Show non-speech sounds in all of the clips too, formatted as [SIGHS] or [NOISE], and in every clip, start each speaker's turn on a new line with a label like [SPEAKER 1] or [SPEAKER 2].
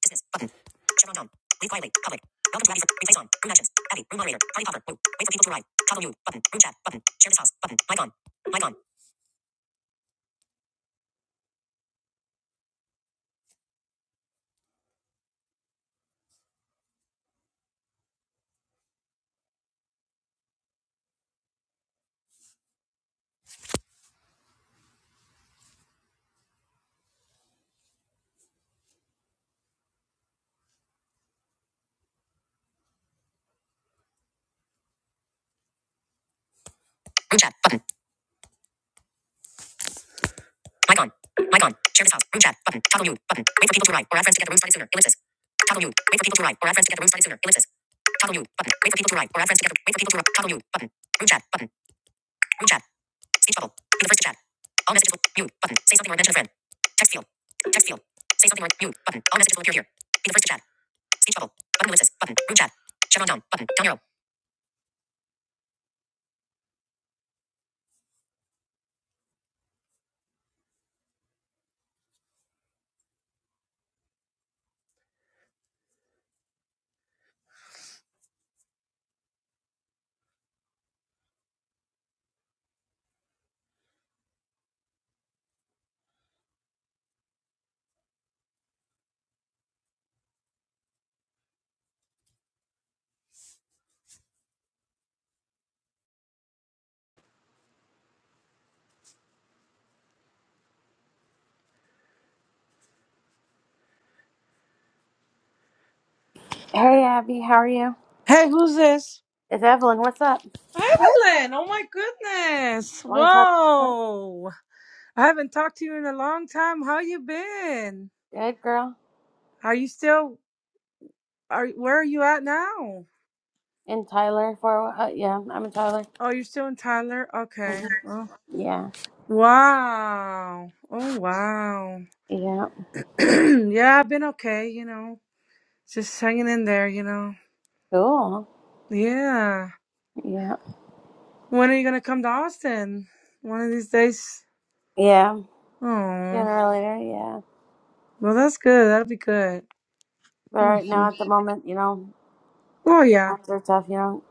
[SPEAKER 1] Distance. Button. Chevron down. Leave quietly. Public. Welcome to Abby. for- Replace on. Room actions. Abby. Room moderator. Party popper. Woo. Wait for people to arrive. Toggle mute. Button. Room chat. Button. Share this house. Button. Mic on. Mic on. Room chat. Button. Mic on. Mic on. Share this house. Room chat. Button. Toggle mute. Button. Wait for people to arrive or add friends to get the room started sooner. Ellipsis. Toggle mute. Wait for people to arrive or add friends to get the room started sooner. Ellipsis. Toggle mute. Button. Wait for people to arrive or add friends to get the wait for people to arrive. Toggle mute. Button. Room chat. Button. Room chat. Speech bubble. Be the first to chat. All messages will mute. Button. Say something or mention a friend. Text field. Text field. Say something or mute. Button. All messages will appear here. Be the first to chat. Speech bubble. Button ellipsis. Button. Group chat. Chevron down. Button. Down arrow.
[SPEAKER 2] Hey Abby, how are you?
[SPEAKER 1] Hey, who's this?
[SPEAKER 2] It's Evelyn. What's up?
[SPEAKER 1] Evelyn. Oh my goodness.
[SPEAKER 2] Long time.
[SPEAKER 1] Whoa. I haven't talked to you in a long time. How you been?
[SPEAKER 2] Good girl.
[SPEAKER 1] Are you still are where are you at now?
[SPEAKER 2] And Tyler for a while. uh, yeah, I'm a Tyler.
[SPEAKER 1] Oh, you're still in Tyler?
[SPEAKER 2] hmm
[SPEAKER 1] Okay. Oh.
[SPEAKER 2] Yeah,
[SPEAKER 1] Wow. Oh wow.
[SPEAKER 2] yeah,
[SPEAKER 1] [CLEARS THROAT] yeah, I've been okay, you know. Just hanging in there, you know.
[SPEAKER 2] cool.
[SPEAKER 1] Yeah.
[SPEAKER 2] Yeah,
[SPEAKER 1] When are you gonna come to Austin? One of these days.
[SPEAKER 2] yeah.
[SPEAKER 1] Oh.
[SPEAKER 2] Sooner or later, yeah.
[SPEAKER 1] Well, that's good. That'll be good.
[SPEAKER 2] But right
[SPEAKER 1] hmm
[SPEAKER 2] now, at the moment, you know,
[SPEAKER 1] Oh, yeah.
[SPEAKER 2] times are tough. You know,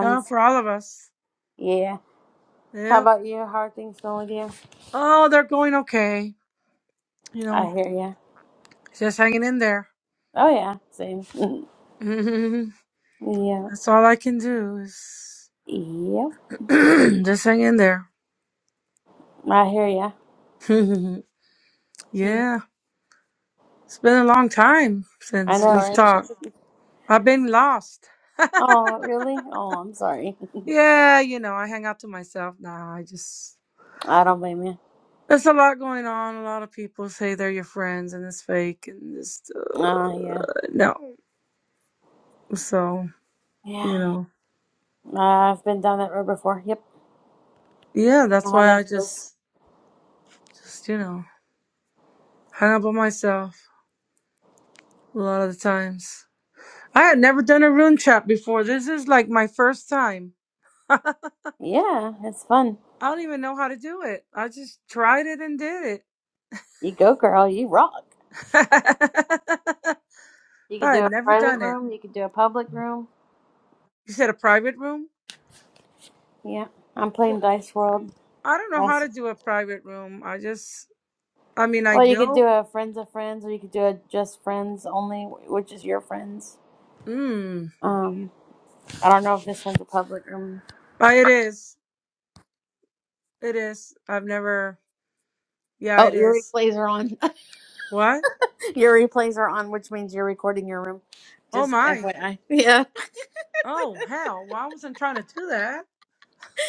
[SPEAKER 1] Yeah, for all of us.
[SPEAKER 2] Yeah. How
[SPEAKER 1] Yeah.
[SPEAKER 2] about you? How are things going with you?
[SPEAKER 1] Oh, they're going okay. You
[SPEAKER 2] I
[SPEAKER 1] know,
[SPEAKER 2] hear ya.
[SPEAKER 1] just hanging in there.
[SPEAKER 2] Oh yeah, same. [LAUGHS]
[SPEAKER 1] [LAUGHS] hmm
[SPEAKER 2] yeah,
[SPEAKER 1] That's all I can do is
[SPEAKER 2] yeah.
[SPEAKER 1] [CLEARS THROAT] just hang in there.
[SPEAKER 2] I hear ya.
[SPEAKER 1] [LAUGHS]
[SPEAKER 2] Yeah.
[SPEAKER 1] yeah. It's been a long time
[SPEAKER 2] I
[SPEAKER 1] since
[SPEAKER 2] know,
[SPEAKER 1] we've
[SPEAKER 2] right?
[SPEAKER 1] talked.
[SPEAKER 2] [LAUGHS]
[SPEAKER 1] I've been lost.
[SPEAKER 2] Oh, really? Oh, I'm sorry.
[SPEAKER 1] Yeah, you know, I hang out to myself now. I just.
[SPEAKER 2] [LAUGHS] I don't blame you.
[SPEAKER 1] There's a lot going on. A lot of people say they're your friends and it's fake and just. Uh,
[SPEAKER 2] Ah, yeah.
[SPEAKER 1] no. So, you
[SPEAKER 2] Yeah.
[SPEAKER 1] know.
[SPEAKER 2] Uh, I've been down that road before. Yep.
[SPEAKER 1] Yeah,
[SPEAKER 2] I know
[SPEAKER 1] that's
[SPEAKER 2] how
[SPEAKER 1] why
[SPEAKER 2] that
[SPEAKER 1] I
[SPEAKER 2] feels.
[SPEAKER 1] just, just you know, hang up on myself a lot of the times. I had never done a room chat before. This is like my first time. [LAUGHS] I
[SPEAKER 2] Yeah, it's fun.
[SPEAKER 1] don't even know how to do it. I just tried it and did it.
[SPEAKER 2] You go, girl. You rock.
[SPEAKER 1] [LAUGHS]
[SPEAKER 2] You could
[SPEAKER 1] I
[SPEAKER 2] do
[SPEAKER 1] had
[SPEAKER 2] a
[SPEAKER 1] never
[SPEAKER 2] private
[SPEAKER 1] done it.
[SPEAKER 2] room. You could do a public room.
[SPEAKER 1] You said a private room?
[SPEAKER 2] Yeah. I'm playing
[SPEAKER 1] Well,
[SPEAKER 2] Dice World.
[SPEAKER 1] I don't know how
[SPEAKER 2] That's,
[SPEAKER 1] to do a private room. I just, I mean, I
[SPEAKER 2] well, you could do
[SPEAKER 1] know.
[SPEAKER 2] a friends of friends, or you could do a just friends only, which is your friends.
[SPEAKER 1] Mm.
[SPEAKER 2] Um, I don't know if this one's a public room.
[SPEAKER 1] Uh, It is. It is. I've never, yeah,
[SPEAKER 2] Oh,
[SPEAKER 1] it
[SPEAKER 2] your
[SPEAKER 1] is.
[SPEAKER 2] replays are on.
[SPEAKER 1] What?
[SPEAKER 2] [LAUGHS] your replays are on, which means you're recording your room.
[SPEAKER 1] Oh
[SPEAKER 2] Just
[SPEAKER 1] my.
[SPEAKER 2] FYI. Yeah,
[SPEAKER 1] Oh, hell. Well, I wasn't trying to do that.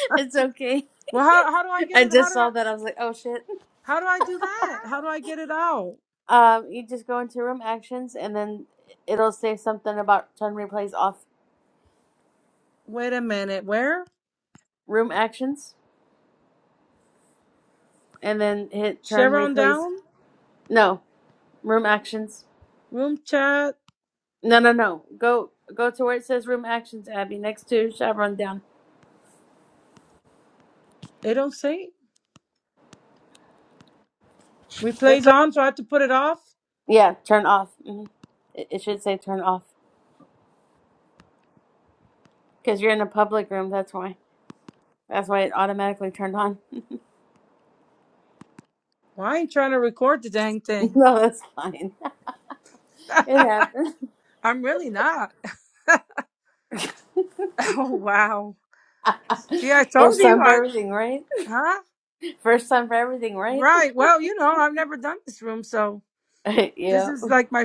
[SPEAKER 2] [LAUGHS] it's okay.
[SPEAKER 1] Well, how how do I get
[SPEAKER 2] I
[SPEAKER 1] it? How
[SPEAKER 2] just
[SPEAKER 1] do
[SPEAKER 2] saw
[SPEAKER 1] I
[SPEAKER 2] that. I was like, oh shit.
[SPEAKER 1] how do I do that? How do I get it out?
[SPEAKER 2] Um, you just go into room actions, and then it'll say something about turn replays off
[SPEAKER 1] Wait a minute. Where?
[SPEAKER 2] room actions, and then hit turn
[SPEAKER 1] Share on
[SPEAKER 2] replays.
[SPEAKER 1] down?
[SPEAKER 2] No, room actions.
[SPEAKER 1] Room chat.
[SPEAKER 2] No, no, no. Go go to where it says room actions, Abby, next to Chevron down.
[SPEAKER 1] It don't say. Replays on, so I have to put it off.
[SPEAKER 2] Yeah, turn off. hmm It, it should say turn off because you're in a public room. That's why. That's why it automatically turned on.
[SPEAKER 1] Well, I ain't trying to record the dang
[SPEAKER 2] [LAUGHS]
[SPEAKER 1] thing.
[SPEAKER 2] no, that's fine. [LAUGHS] It
[SPEAKER 1] [LAUGHS]
[SPEAKER 2] happens.
[SPEAKER 1] I'm really not. [LAUGHS] Oh wow. See, I told
[SPEAKER 2] First
[SPEAKER 1] you
[SPEAKER 2] time for
[SPEAKER 1] I
[SPEAKER 2] everything, right?
[SPEAKER 1] huh?
[SPEAKER 2] First time for everything, right?
[SPEAKER 1] Right. Well, you know, I've never done this room, so
[SPEAKER 2] [LAUGHS]
[SPEAKER 1] this
[SPEAKER 2] yeah.
[SPEAKER 1] is like my [LAUGHS]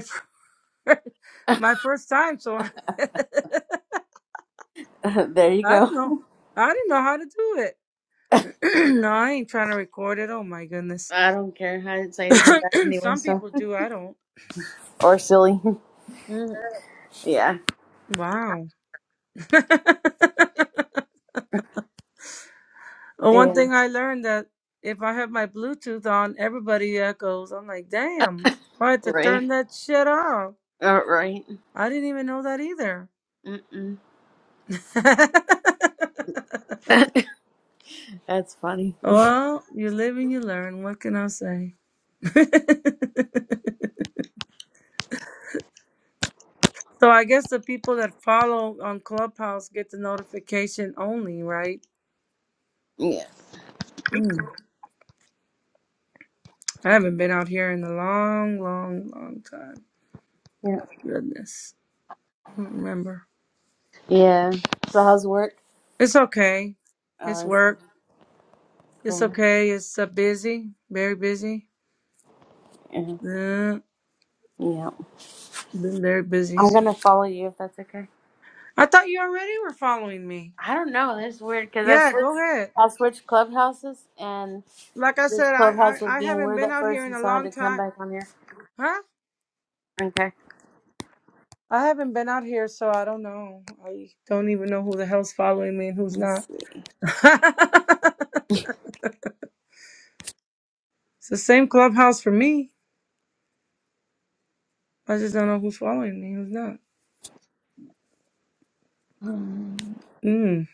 [SPEAKER 1] first,
[SPEAKER 2] [LAUGHS]
[SPEAKER 1] my first time, so I, [LAUGHS] I
[SPEAKER 2] there you go.
[SPEAKER 1] don't know. I didn't know how to do it. [CLEARS THROAT] no, I ain't trying to record it. Oh my goodness.
[SPEAKER 2] I don't care. I didn't say
[SPEAKER 1] [CLEARS THROAT]
[SPEAKER 2] anything bad anyway,
[SPEAKER 1] Some
[SPEAKER 2] so.
[SPEAKER 1] people do. I don't.
[SPEAKER 2] Or silly.
[SPEAKER 1] Mm,
[SPEAKER 2] [LAUGHS] yeah.
[SPEAKER 1] Wow. [LAUGHS] One
[SPEAKER 2] Yeah.
[SPEAKER 1] thing I learned that if I have my Bluetooth on, everybody echoes. I'm like, damn. I had to
[SPEAKER 2] Right.
[SPEAKER 1] turn that shit off.
[SPEAKER 2] Uh, right.
[SPEAKER 1] I didn't even know that either.
[SPEAKER 2] Mm-mm.
[SPEAKER 1] [LAUGHS]
[SPEAKER 2] [LAUGHS] That's funny.
[SPEAKER 1] well, you live and you learn. What can I say? [LAUGHS] so I guess the people that follow on Clubhouse get the notification only, right?
[SPEAKER 2] Yeah.
[SPEAKER 1] I haven't been out here in a long, long, long time.
[SPEAKER 2] Yeah.
[SPEAKER 1] Goodness. I don't remember.
[SPEAKER 2] Yeah. So how's work?
[SPEAKER 1] It's okay.
[SPEAKER 2] Oh,
[SPEAKER 1] It's
[SPEAKER 2] that's
[SPEAKER 1] work. It's
[SPEAKER 2] cool.
[SPEAKER 1] okay. It's uh, busy. Very busy.
[SPEAKER 2] Yeah.
[SPEAKER 1] Yeah,
[SPEAKER 2] Yeah.
[SPEAKER 1] been very busy.
[SPEAKER 2] I'm gonna follow you if that's okay.
[SPEAKER 1] I thought you already were following me.
[SPEAKER 2] I don't know. That's weird because I
[SPEAKER 1] Yeah,
[SPEAKER 2] switched.
[SPEAKER 1] go ahead.
[SPEAKER 2] I switched clubhouses, and
[SPEAKER 1] Like I
[SPEAKER 2] this
[SPEAKER 1] said, I,
[SPEAKER 2] clubhouse was
[SPEAKER 1] I, I
[SPEAKER 2] being
[SPEAKER 1] haven't
[SPEAKER 2] weird
[SPEAKER 1] been
[SPEAKER 2] at
[SPEAKER 1] out here
[SPEAKER 2] first,
[SPEAKER 1] in
[SPEAKER 2] and
[SPEAKER 1] a
[SPEAKER 2] so I had
[SPEAKER 1] long
[SPEAKER 2] to come
[SPEAKER 1] time.
[SPEAKER 2] back on here.
[SPEAKER 1] Huh?
[SPEAKER 2] Okay.
[SPEAKER 1] I haven't been out here, so I don't know. I don't even know who the hell's following me and who's not.
[SPEAKER 2] Let's see.
[SPEAKER 1] [LAUGHS] it's the same clubhouse for me. I just don't know who's following me, who's not.
[SPEAKER 2] Hmm.
[SPEAKER 1] Mm,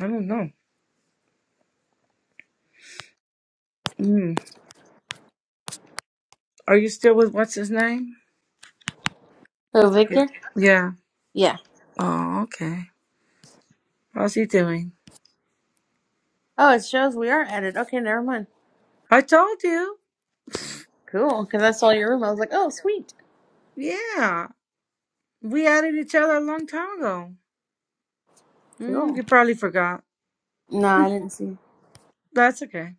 [SPEAKER 1] I don't know. Mm. Are you still with what's his name? I
[SPEAKER 2] So
[SPEAKER 1] forget.
[SPEAKER 2] Victor.
[SPEAKER 1] Yeah.
[SPEAKER 2] Yeah.
[SPEAKER 1] Oh, okay. How's he doing?
[SPEAKER 2] Oh, it shows we are added. Okay, never mind.
[SPEAKER 1] I told you.
[SPEAKER 2] Cool, because I saw your room. I was like, oh, sweet.
[SPEAKER 1] Yeah. We added each other a long time ago. Mm,
[SPEAKER 2] Cool.
[SPEAKER 1] you probably forgot.
[SPEAKER 2] Nah, I didn't see.
[SPEAKER 1] That's okay.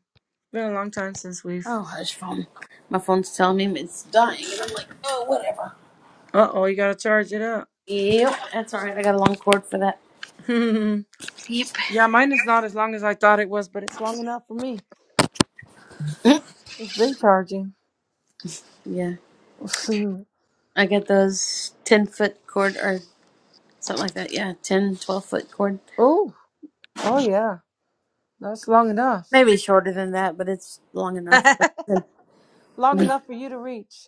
[SPEAKER 1] Been a long time since we've.
[SPEAKER 2] Oh, hush phone. My phone's telling me it's dying, and I'm like, oh, whatever.
[SPEAKER 1] Uh oh, you gotta charge it up.
[SPEAKER 2] Yep, that's all right. I got a long cord for that.
[SPEAKER 1] [LAUGHS] yeah,
[SPEAKER 2] Yep. [LAUGHS]
[SPEAKER 1] mine is not as long as I thought it was, but it's long enough for me.
[SPEAKER 2] Mm.
[SPEAKER 1] It's been charging.
[SPEAKER 2] yeah,
[SPEAKER 1] [LAUGHS] oh,
[SPEAKER 2] I got those 10 foot cord or something like that. Yeah, ten, twelve foot cord.
[SPEAKER 1] oh yeah. That's long enough.
[SPEAKER 2] Maybe shorter than that, but it's long
[SPEAKER 1] [LAUGHS]
[SPEAKER 2] enough. [LAUGHS] something
[SPEAKER 1] long enough for you to reach.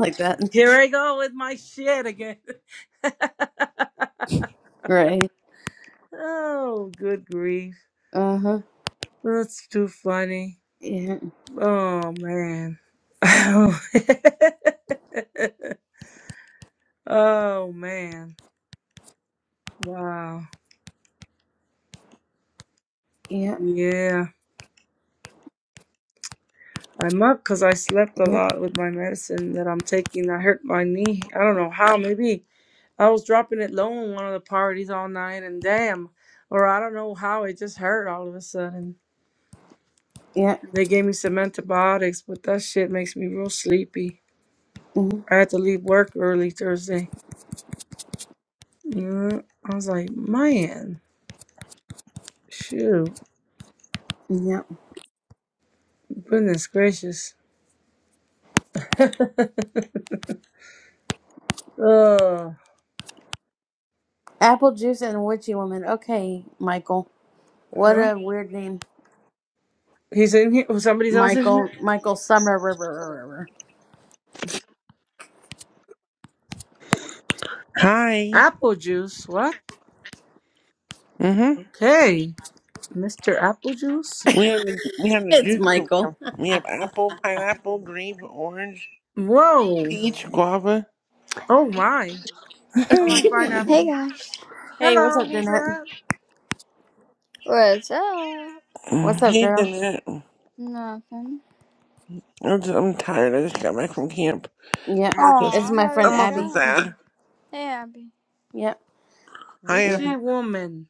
[SPEAKER 2] like that.
[SPEAKER 1] Here I go with my shit again. [LAUGHS]
[SPEAKER 2] Right.
[SPEAKER 1] oh, good grief.
[SPEAKER 2] Uh huh.
[SPEAKER 1] That's too funny.
[SPEAKER 2] Yeah,
[SPEAKER 1] Oh, man. [LAUGHS] oh, man. Wow.
[SPEAKER 2] yeah,
[SPEAKER 1] Yeah. I'm up because I slept a
[SPEAKER 2] yeah,
[SPEAKER 1] lot with my medicine that I'm taking. I hurt my knee. I don't know how. Maybe I was dropping it low in one of the parties all night and damn. Or I don't know how it just hurt all of a sudden.
[SPEAKER 2] yeah.
[SPEAKER 1] They gave me some antibiotics, but that shit makes me real sleepy.
[SPEAKER 2] Mm-hmm.
[SPEAKER 1] I had to leave work early Thursday. Yeah, I was like, man, shoot,
[SPEAKER 2] Yeah.
[SPEAKER 1] goodness gracious. [LAUGHS] uh, huh?
[SPEAKER 2] Apple Juice and Witchy Woman. Okay, Michael. What a weird name.
[SPEAKER 1] He's in here. Was somebody else in here?
[SPEAKER 2] Michael Michael Summer River.
[SPEAKER 3] Hi.
[SPEAKER 1] Apple juice. What?
[SPEAKER 3] Mm-hmm.
[SPEAKER 1] Okay, Mr. Apple juice.
[SPEAKER 3] We have the we have the
[SPEAKER 2] It's
[SPEAKER 3] juice group. We have,
[SPEAKER 2] Michael.
[SPEAKER 3] we have apple, pineapple, grape, orange,
[SPEAKER 1] Whoa.
[SPEAKER 3] peach, guava.
[SPEAKER 1] Oh my. I
[SPEAKER 2] [LAUGHS]
[SPEAKER 1] like
[SPEAKER 3] [LAUGHS]
[SPEAKER 4] Hey
[SPEAKER 2] hey,
[SPEAKER 1] pineapple.
[SPEAKER 4] guys.
[SPEAKER 2] what's
[SPEAKER 1] Hello,
[SPEAKER 2] up,
[SPEAKER 1] who's
[SPEAKER 2] Danette?
[SPEAKER 1] that?
[SPEAKER 4] What's up?
[SPEAKER 3] Mm,
[SPEAKER 2] What's up,
[SPEAKER 3] Hey,
[SPEAKER 2] girl?
[SPEAKER 3] Jeanette.
[SPEAKER 4] Nothing.
[SPEAKER 3] I'm, just, I'm tired. I just got back from camp.
[SPEAKER 2] Yeah.
[SPEAKER 3] I'm
[SPEAKER 4] Aw,
[SPEAKER 3] also
[SPEAKER 2] It's
[SPEAKER 3] s-
[SPEAKER 2] my
[SPEAKER 4] how did
[SPEAKER 2] friend
[SPEAKER 3] I'm
[SPEAKER 4] it
[SPEAKER 3] also
[SPEAKER 2] Abby.
[SPEAKER 4] go?
[SPEAKER 3] sad.
[SPEAKER 4] Hey Abby.
[SPEAKER 2] Yep.
[SPEAKER 3] Hi,
[SPEAKER 2] Yeah.
[SPEAKER 3] Abby.
[SPEAKER 1] Richie
[SPEAKER 4] Huh.
[SPEAKER 1] woman.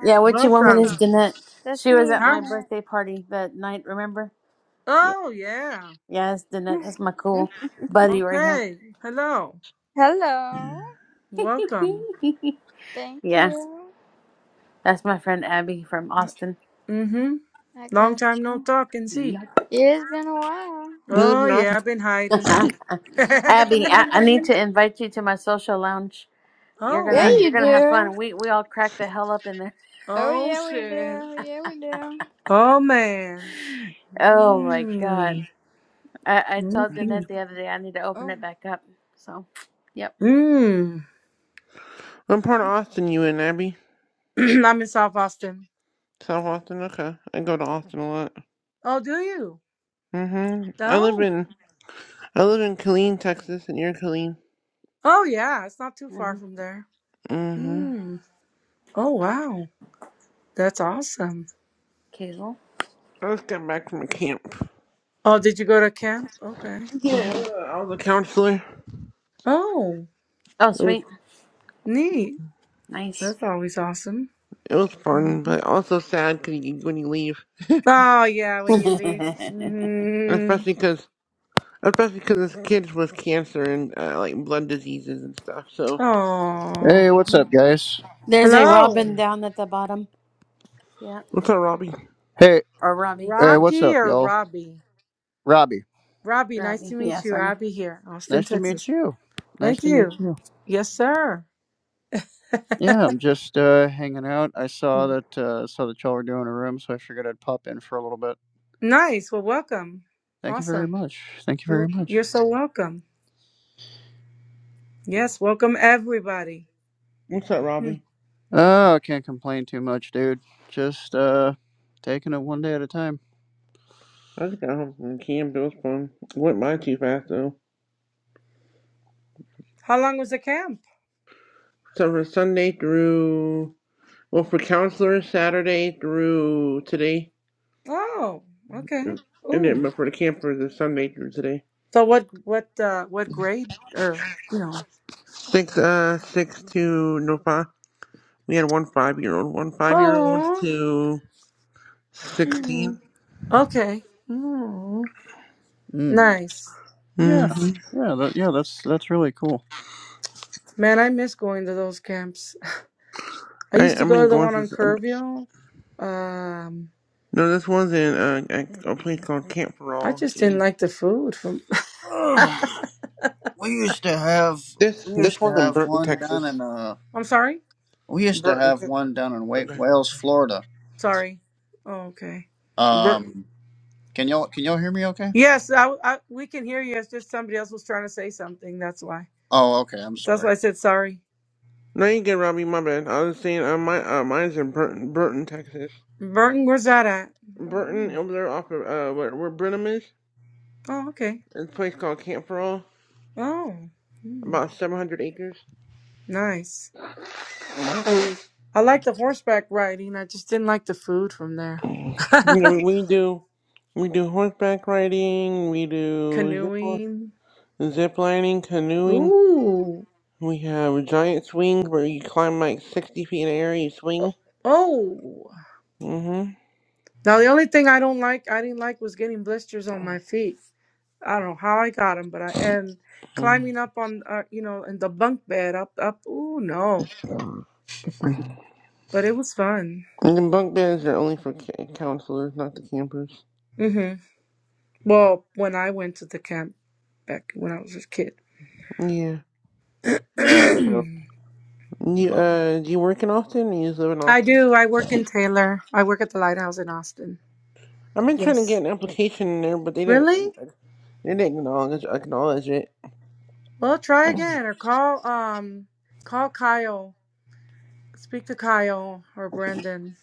[SPEAKER 2] Yeah, Witchy Woman is
[SPEAKER 1] Welcome.
[SPEAKER 2] Danette.
[SPEAKER 4] That's
[SPEAKER 2] She was
[SPEAKER 4] me,
[SPEAKER 2] at my
[SPEAKER 1] Huh?
[SPEAKER 4] didn't it?
[SPEAKER 2] birthday party that night, remember? Yeah.
[SPEAKER 1] Oh yeah.
[SPEAKER 2] Yeah, it's Danette. That's my cool buddy right here.
[SPEAKER 1] Okay. Hello.
[SPEAKER 4] Hello.
[SPEAKER 1] Welcome.
[SPEAKER 2] [LAUGHS]
[SPEAKER 4] Thank
[SPEAKER 2] yeah.
[SPEAKER 4] you.
[SPEAKER 2] That's my friend Abby from Austin.
[SPEAKER 1] Mm-hmm.
[SPEAKER 4] I
[SPEAKER 1] Long
[SPEAKER 4] got
[SPEAKER 1] time no talk and
[SPEAKER 2] Yep.
[SPEAKER 1] see.
[SPEAKER 4] It's been a while.
[SPEAKER 3] You live
[SPEAKER 1] Oh
[SPEAKER 3] in Austin?
[SPEAKER 1] yeah, I've been
[SPEAKER 2] [LAUGHS]
[SPEAKER 1] hiding. [LAUGHS]
[SPEAKER 2] Abby, I, I need
[SPEAKER 4] Mhm.
[SPEAKER 2] to invite you to my social lounge. You're
[SPEAKER 1] oh.
[SPEAKER 4] Yeah,
[SPEAKER 2] gonna you're
[SPEAKER 4] you
[SPEAKER 2] gonna have
[SPEAKER 4] do.
[SPEAKER 2] fun. We we all crack the hell up in there. [LAUGHS]
[SPEAKER 4] Oh,
[SPEAKER 1] Oh
[SPEAKER 4] yeah, we
[SPEAKER 1] shit.
[SPEAKER 4] do. Yeah, we do.
[SPEAKER 1] Oh man.
[SPEAKER 2] Oh my god.
[SPEAKER 1] Mm.
[SPEAKER 2] I, I told Jeanette
[SPEAKER 1] Mm.
[SPEAKER 2] the other day I need to open
[SPEAKER 4] Oh.
[SPEAKER 2] it back up. So yep.
[SPEAKER 1] Mm.
[SPEAKER 3] I'm part of Austin. You in Abby?
[SPEAKER 1] [CLEARS THROAT] I'm in South Austin.
[SPEAKER 3] South Austin. Okay. I go to Austin a lot.
[SPEAKER 1] Oh, do you?
[SPEAKER 3] Mm-hmm. I live
[SPEAKER 1] Oh.
[SPEAKER 3] in I live in Killeen, Texas, and you're Killeen.
[SPEAKER 1] Oh yeah, it's not too far
[SPEAKER 2] hmm
[SPEAKER 1] from there.
[SPEAKER 3] Mm-hmm.
[SPEAKER 1] Mm. Oh wow. That's awesome.
[SPEAKER 2] Kazel.
[SPEAKER 3] I just got back from a camp.
[SPEAKER 1] Oh, did you go to camp? Okay.
[SPEAKER 2] hmm
[SPEAKER 3] Yeah. I was a counselor.
[SPEAKER 1] Oh,
[SPEAKER 2] Oh sweet.
[SPEAKER 1] neat.
[SPEAKER 2] Nice.
[SPEAKER 1] That's always awesome.
[SPEAKER 3] It was fun,
[SPEAKER 2] Mhm.
[SPEAKER 3] but also sad 'cause you, when you leave,
[SPEAKER 1] Oh yeah, when you leave. Mm.
[SPEAKER 3] especially because especially because this kid was cancer and uh, like blood diseases and stuff. So
[SPEAKER 1] Oh.
[SPEAKER 5] Hey, what's up, guys?
[SPEAKER 2] [LAUGHS] There's a
[SPEAKER 1] Hello,
[SPEAKER 2] Robin down at the bottom. Yeah.
[SPEAKER 3] what's up, Robbie?
[SPEAKER 5] Hey,
[SPEAKER 2] Or Robbie,
[SPEAKER 5] hey,
[SPEAKER 2] sorry.
[SPEAKER 5] what's
[SPEAKER 1] Rocky
[SPEAKER 5] up,
[SPEAKER 1] or
[SPEAKER 5] y'all?
[SPEAKER 1] Robbie?
[SPEAKER 5] Robbie,
[SPEAKER 1] Robbie, nice
[SPEAKER 2] Robbie.
[SPEAKER 1] to
[SPEAKER 2] Yeah,
[SPEAKER 1] meet you.
[SPEAKER 2] sorry.
[SPEAKER 1] Robbie here, Austin,
[SPEAKER 5] nice to meet
[SPEAKER 1] Texas.
[SPEAKER 5] you. Nice
[SPEAKER 1] Thank
[SPEAKER 5] to meet
[SPEAKER 1] you.
[SPEAKER 5] you.
[SPEAKER 1] Yes, sir. [LAUGHS]
[SPEAKER 5] Yeah, I'm just uh, hanging out. I saw that uh, saw that y'all were doing a room, so I figured I'd pop in for a little bit.
[SPEAKER 1] Nice. Well, welcome.
[SPEAKER 5] Thank you very
[SPEAKER 1] Awesome.
[SPEAKER 5] much. Thank you very
[SPEAKER 1] You
[SPEAKER 5] much.
[SPEAKER 1] you're so welcome. Yes, welcome everybody.
[SPEAKER 3] What's up,
[SPEAKER 1] Hmm.
[SPEAKER 3] Robbie?
[SPEAKER 5] Oh, can't complain too much, dude. Just uh, taking it one day at a time.
[SPEAKER 3] I just got home from camp. It was fun. It Went by too fast though.
[SPEAKER 1] How long was the camp?
[SPEAKER 3] So for Sunday through well for counselors Saturday through today,
[SPEAKER 1] Oh, okay.
[SPEAKER 3] and then
[SPEAKER 1] Ooh.
[SPEAKER 3] but for the campers it's Sunday through today.
[SPEAKER 1] So what what uh what grade or you know?
[SPEAKER 3] Six uh six to no five. We had one five year old, one five year old
[SPEAKER 1] Oh.
[SPEAKER 3] to 16
[SPEAKER 1] Okay. Mm-hmm.
[SPEAKER 5] Mm.
[SPEAKER 1] Nice.
[SPEAKER 5] Yeah,
[SPEAKER 3] Mhm.
[SPEAKER 1] Nice.
[SPEAKER 5] yeah, that, yeah. That's that's really cool.
[SPEAKER 1] Man, I miss going to those camps. [LAUGHS] I
[SPEAKER 3] I I've
[SPEAKER 1] used to go
[SPEAKER 3] been
[SPEAKER 1] to the
[SPEAKER 3] going
[SPEAKER 1] one on
[SPEAKER 3] since um,
[SPEAKER 1] Kerrville. Um,
[SPEAKER 3] no, this one's in uh, a, a place called Camp for
[SPEAKER 1] I
[SPEAKER 3] All.
[SPEAKER 1] just didn't
[SPEAKER 3] in
[SPEAKER 1] like the food from
[SPEAKER 5] [SIGHS]
[SPEAKER 1] [LAUGHS]
[SPEAKER 5] Ugh. we used to have
[SPEAKER 3] this
[SPEAKER 5] we used
[SPEAKER 3] this
[SPEAKER 5] to
[SPEAKER 3] one's in
[SPEAKER 5] have
[SPEAKER 3] Burton,
[SPEAKER 5] one down in
[SPEAKER 3] Texas.
[SPEAKER 5] uh
[SPEAKER 1] I'm sorry?
[SPEAKER 5] we used to
[SPEAKER 3] Burton,
[SPEAKER 5] have
[SPEAKER 3] Te-
[SPEAKER 5] one down in Wa-
[SPEAKER 3] okay.
[SPEAKER 5] Wales, Florida
[SPEAKER 1] Sorry. Oh, okay.
[SPEAKER 3] Burton.
[SPEAKER 5] Um, can y'all can y'all hear me? Okay.
[SPEAKER 1] Yes, I, I we can hear you. It's just somebody else was trying to say something. That's why.
[SPEAKER 5] Oh, okay. I'm
[SPEAKER 1] That's why
[SPEAKER 5] sorry.
[SPEAKER 1] I said sorry.
[SPEAKER 3] No, you get Robbie. My bad. I was saying uh, my uh, mine's in Burton, Burton, Texas.
[SPEAKER 1] Burton, where's that at?
[SPEAKER 3] Burton
[SPEAKER 1] Mm.
[SPEAKER 3] over there off of uh where, where Brenham is.
[SPEAKER 1] Oh, okay.
[SPEAKER 3] It's a place called Camp for All.
[SPEAKER 1] Oh, mm,
[SPEAKER 3] about seven hundred acres.
[SPEAKER 1] nice. I like the horseback riding. I just didn't like the food from there.
[SPEAKER 3] You know, we we do we do horseback riding, we
[SPEAKER 1] [LAUGHS]
[SPEAKER 3] do zip li-
[SPEAKER 1] Canoeing.
[SPEAKER 3] zip lining, canoeing.
[SPEAKER 1] Ooh.
[SPEAKER 3] We have a giant swing where you climb like 60 feet in the air, you
[SPEAKER 1] Oh.
[SPEAKER 3] swing.
[SPEAKER 1] oh.
[SPEAKER 3] Mm-hmm.
[SPEAKER 1] Now the only thing I don't like, I didn't like, was getting blisters on my feet. I don't know how I got them, but I and climbing
[SPEAKER 3] And
[SPEAKER 1] up on, uh, you know, in the bunk bed up, up. Ooh, no. But it was fun.
[SPEAKER 3] the bunk beds are only for ca- counselors, not the campers.
[SPEAKER 1] hmm Well, when I went to the camp back when I was a kid.
[SPEAKER 3] Yeah.
[SPEAKER 5] Yeah. So,
[SPEAKER 1] [CLEARS THROAT]
[SPEAKER 3] You,
[SPEAKER 5] uh,
[SPEAKER 3] uh, do you work in Austin or you just live in
[SPEAKER 1] I
[SPEAKER 3] Austin?
[SPEAKER 1] do. I work in
[SPEAKER 3] [LAUGHS]
[SPEAKER 1] Taylor. I work at the lighthouse in Austin.
[SPEAKER 3] I've been trying to get
[SPEAKER 1] Yes.
[SPEAKER 3] an application in there, but they didn't,
[SPEAKER 1] Really?
[SPEAKER 3] they didn't acknowledge, acknowledge it.
[SPEAKER 1] Well, try again or call um call Kyle speak to Kyle or Brandon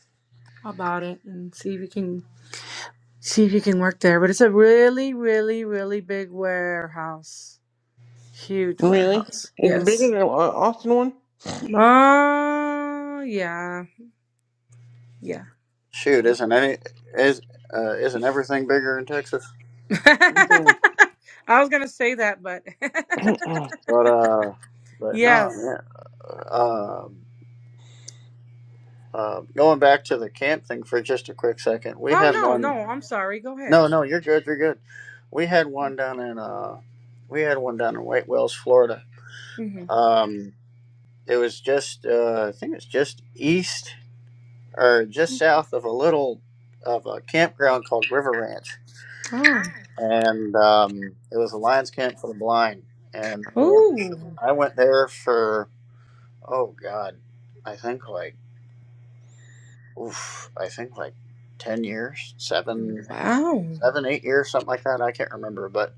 [SPEAKER 1] about it and see if you can see if you can work there. But it's a really, really, really big warehouse. Huge
[SPEAKER 3] Really?
[SPEAKER 1] warehouse.
[SPEAKER 3] Is it bigger
[SPEAKER 1] Yes.
[SPEAKER 3] than the uh, Austin one?
[SPEAKER 1] Oh yeah. Yeah.
[SPEAKER 5] shoot, isn't any is uh, isn't everything bigger in Texas?
[SPEAKER 1] [LAUGHS]
[SPEAKER 3] Mhm.
[SPEAKER 1] I was gonna say that, but [LAUGHS]
[SPEAKER 3] [CLEARS THROAT]
[SPEAKER 5] But uh, but no.
[SPEAKER 1] yes.
[SPEAKER 5] Yeah. Uh, uh, going back to the camp thing for just a quick second, we
[SPEAKER 1] Oh
[SPEAKER 5] had
[SPEAKER 1] no,
[SPEAKER 5] one.
[SPEAKER 1] no, I'm sorry. Go ahead.
[SPEAKER 5] No, no, you're good. You're good. We had one down in uh, we had one down in White Wells, Florida.
[SPEAKER 1] hmm
[SPEAKER 5] Um, it was just uh, I think it's just east. or just south of a little of a campground called River Ranch,
[SPEAKER 1] Oh.
[SPEAKER 5] and um, it was a Lions camp for the blind. And uh,
[SPEAKER 1] Oh.
[SPEAKER 5] I went there for oh god, I think like oof, I think like ten years, seven,
[SPEAKER 1] Wow.
[SPEAKER 5] seven, eight years, something like that. I can't remember, but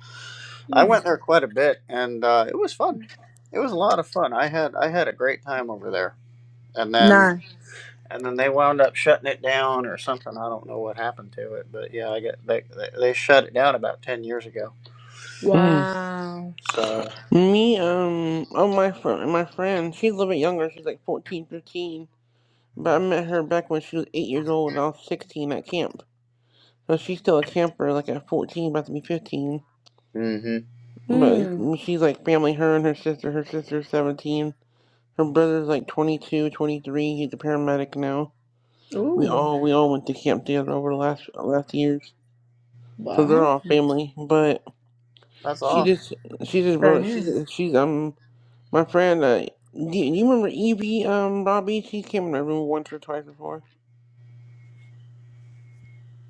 [SPEAKER 5] I
[SPEAKER 1] Mm.
[SPEAKER 5] went there quite a bit, and uh, it was fun. It was a lot of fun. I had I had a great time over there. and then
[SPEAKER 1] Nine.
[SPEAKER 5] and then they wound up shutting it down or something. I don't know what happened to it, but yeah, I get they they, they shut it down about ten years ago.
[SPEAKER 3] Mm.
[SPEAKER 1] Wow.
[SPEAKER 5] So
[SPEAKER 3] Me, um, oh, my, fr- my friend, she's a little bit younger. She's like 14, 15. But I met her back when she was eight years old and I was 16 at camp. So she's still a camper, like at 14, about to be 15.
[SPEAKER 5] hmm
[SPEAKER 3] But
[SPEAKER 1] Mm.
[SPEAKER 3] she's like family, her and her sister. Her sister's 17. Her brother's like 22, 23. He's a paramedic now. We
[SPEAKER 1] Ooh.
[SPEAKER 3] all we all went to camp together over the last last years, so they're
[SPEAKER 1] Wow.
[SPEAKER 3] all family. But
[SPEAKER 5] that's
[SPEAKER 3] she
[SPEAKER 5] all.
[SPEAKER 3] just she just
[SPEAKER 1] That
[SPEAKER 3] wrote she's
[SPEAKER 1] is.
[SPEAKER 3] she's um my friend. Uh, do you you remember Evie um Robbie? She came in my room once or twice before.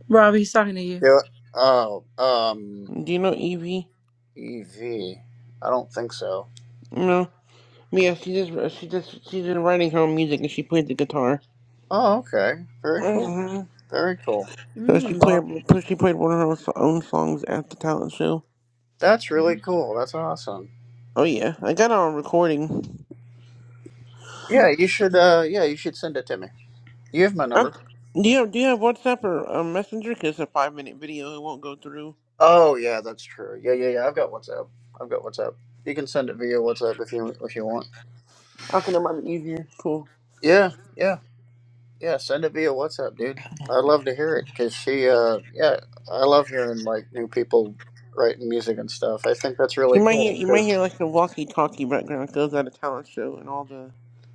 [SPEAKER 1] Rob, he's talking to you.
[SPEAKER 5] Yeah. Oh, um,
[SPEAKER 3] Do you know Evie?
[SPEAKER 5] EV. I don't think so.
[SPEAKER 3] No. Mia, she just she just she's been writing her own music and she played the guitar.
[SPEAKER 5] Oh, okay. Very cool.
[SPEAKER 3] hmm
[SPEAKER 5] Very cool.
[SPEAKER 3] So she
[SPEAKER 5] That's aw-
[SPEAKER 3] played
[SPEAKER 1] Mm.
[SPEAKER 3] she played one of her own so- own songs at the talent show.
[SPEAKER 5] that's really cool. That's awesome.
[SPEAKER 3] Oh yeah, I got it on recording.
[SPEAKER 5] Yeah, you should. Uh, yeah, you should send it to me. You have my
[SPEAKER 3] I,
[SPEAKER 5] number.
[SPEAKER 3] do you have do you have WhatsApp or uh, Messenger? 'Cause it's a five minute video, it won't go through.
[SPEAKER 5] Oh yeah, that's true. Yeah, yeah, yeah. I've got WhatsApp. I've got WhatsApp. You can send it via WhatsApp if you if you want.
[SPEAKER 3] Okay, that might be easier. Cool.
[SPEAKER 5] Yeah, yeah, yeah. Send it via WhatsApp, dude. I love to hear it because she, uh, yeah, I love hearing like new people writing music and stuff. I think that's
[SPEAKER 3] You
[SPEAKER 5] really
[SPEAKER 3] might hear
[SPEAKER 5] cool.
[SPEAKER 3] you might
[SPEAKER 5] 'cause-
[SPEAKER 3] hear like the walkie talkie background goes at a talent show and all the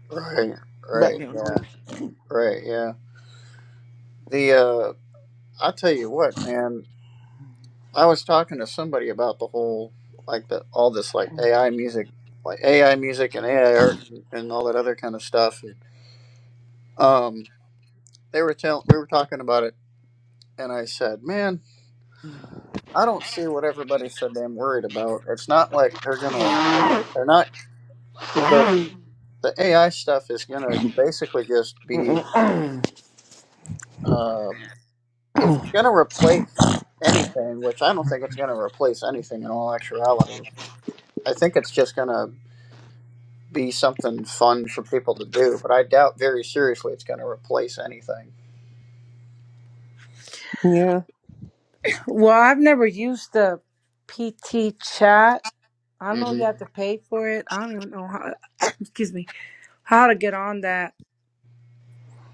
[SPEAKER 5] right, right,
[SPEAKER 3] background
[SPEAKER 5] yeah,
[SPEAKER 3] noise.
[SPEAKER 5] right, yeah. The, uh, I'll tell you what, man. I was talking to somebody about the whole, like the all this like AI music, like AI music and AI art and all that other kind of stuff. And um, they were telling, we were talking about it, and I said, man. I don't see what everybody's so damn worried about. It's not like they're gonna. They're not the the AI stuff is gonna basically just be.
[SPEAKER 3] Mm-mm.
[SPEAKER 5] Um, if it's gonna replace anything, which I don't think it's gonna replace anything in all actuality, I think it's just gonna be something fun for people to do. But I doubt very seriously it's gonna replace anything.
[SPEAKER 3] [CLEARS THROAT] yeah,
[SPEAKER 1] Well, I've never used the PT chat. I know
[SPEAKER 5] hmm
[SPEAKER 1] you have to pay for it. I don't even know how. [COUGHS] excuse me, how to get on that.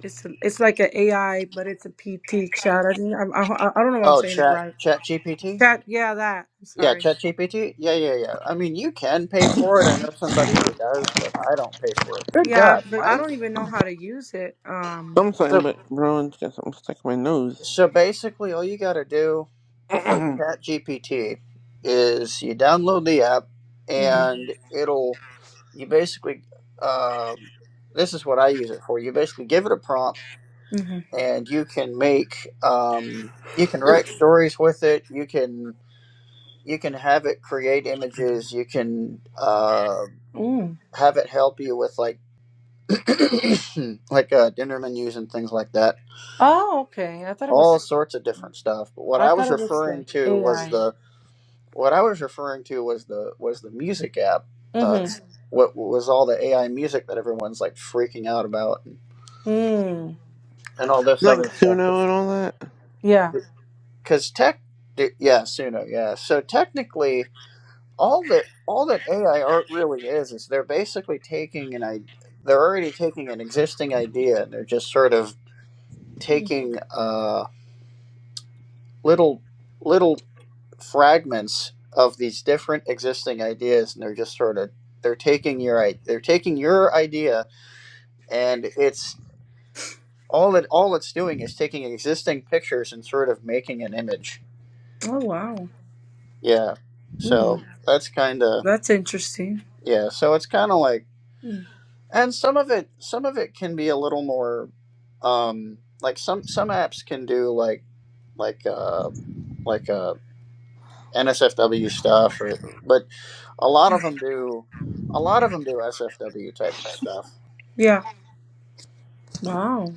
[SPEAKER 1] It's a, it's like an AI, but it's a PT chat. I think I, I I don't know if I'm
[SPEAKER 5] Oh,
[SPEAKER 1] saying it
[SPEAKER 5] chat
[SPEAKER 1] right.
[SPEAKER 5] chat GPT.
[SPEAKER 1] Chat, yeah, that. I'm
[SPEAKER 5] Yeah,
[SPEAKER 1] sorry.
[SPEAKER 5] ChatGPT. Yeah, yeah, yeah. I mean, you can pay for it. I know somebody who does, but I don't pay for it. Good
[SPEAKER 1] Yeah,
[SPEAKER 5] God,
[SPEAKER 1] but I
[SPEAKER 5] Mike.
[SPEAKER 1] don't even know how to use it. Um.
[SPEAKER 3] I'm sorry,
[SPEAKER 5] So,
[SPEAKER 3] but bro, it's got something stuck in my nose.
[SPEAKER 5] so basically, all you got to do
[SPEAKER 3] [CLEARS THROAT]
[SPEAKER 5] for
[SPEAKER 3] like
[SPEAKER 5] ChatGPT is you download the app,
[SPEAKER 1] hmm
[SPEAKER 5] and it'll. You basically, um, this is what I use it for. You basically give it a prompt,
[SPEAKER 1] hmm
[SPEAKER 5] and you can make, um, you can write stories with it. You can you can have it create images. You can. Uh,
[SPEAKER 1] Mm.
[SPEAKER 5] have it help you with like [CLEARS THROAT] like uh, dinner menus and things like that
[SPEAKER 1] Oh, okay. I thought it
[SPEAKER 5] all
[SPEAKER 1] was.
[SPEAKER 5] sorts of different stuff but what
[SPEAKER 1] I
[SPEAKER 5] i
[SPEAKER 1] thought
[SPEAKER 5] was
[SPEAKER 1] it was
[SPEAKER 5] referring
[SPEAKER 1] like
[SPEAKER 5] to was
[SPEAKER 1] AI.
[SPEAKER 5] the what i was referring to was the was the music app uh,
[SPEAKER 1] Mm-hmm.
[SPEAKER 5] what was all the ai music that everyone's like freaking out about and,
[SPEAKER 1] Mm.
[SPEAKER 5] and all this other stuff
[SPEAKER 3] Suno and all that.
[SPEAKER 1] Yeah.
[SPEAKER 5] because tech d- yeah suno yeah so technically all that all that ai art really is is they're basically taking an i they're already taking an existing idea and they're just sort of taking uh, little little fragments of these different existing ideas, and they're just sort of they're taking your i- they're taking your idea, and it's all it all it's doing is taking existing pictures and sort of making an image.
[SPEAKER 1] Oh wow.
[SPEAKER 5] Yeah,
[SPEAKER 1] Mm,
[SPEAKER 5] so that's kind of
[SPEAKER 1] that's interesting.
[SPEAKER 5] yeah. So it's kind of like,
[SPEAKER 1] Mm,
[SPEAKER 5] and some of it some of it can be a little more, um, like some some apps can do like like uh like uh NSFW stuff or but A lot of them do. A lot of them do SFW type stuff,
[SPEAKER 1] yeah. Wow.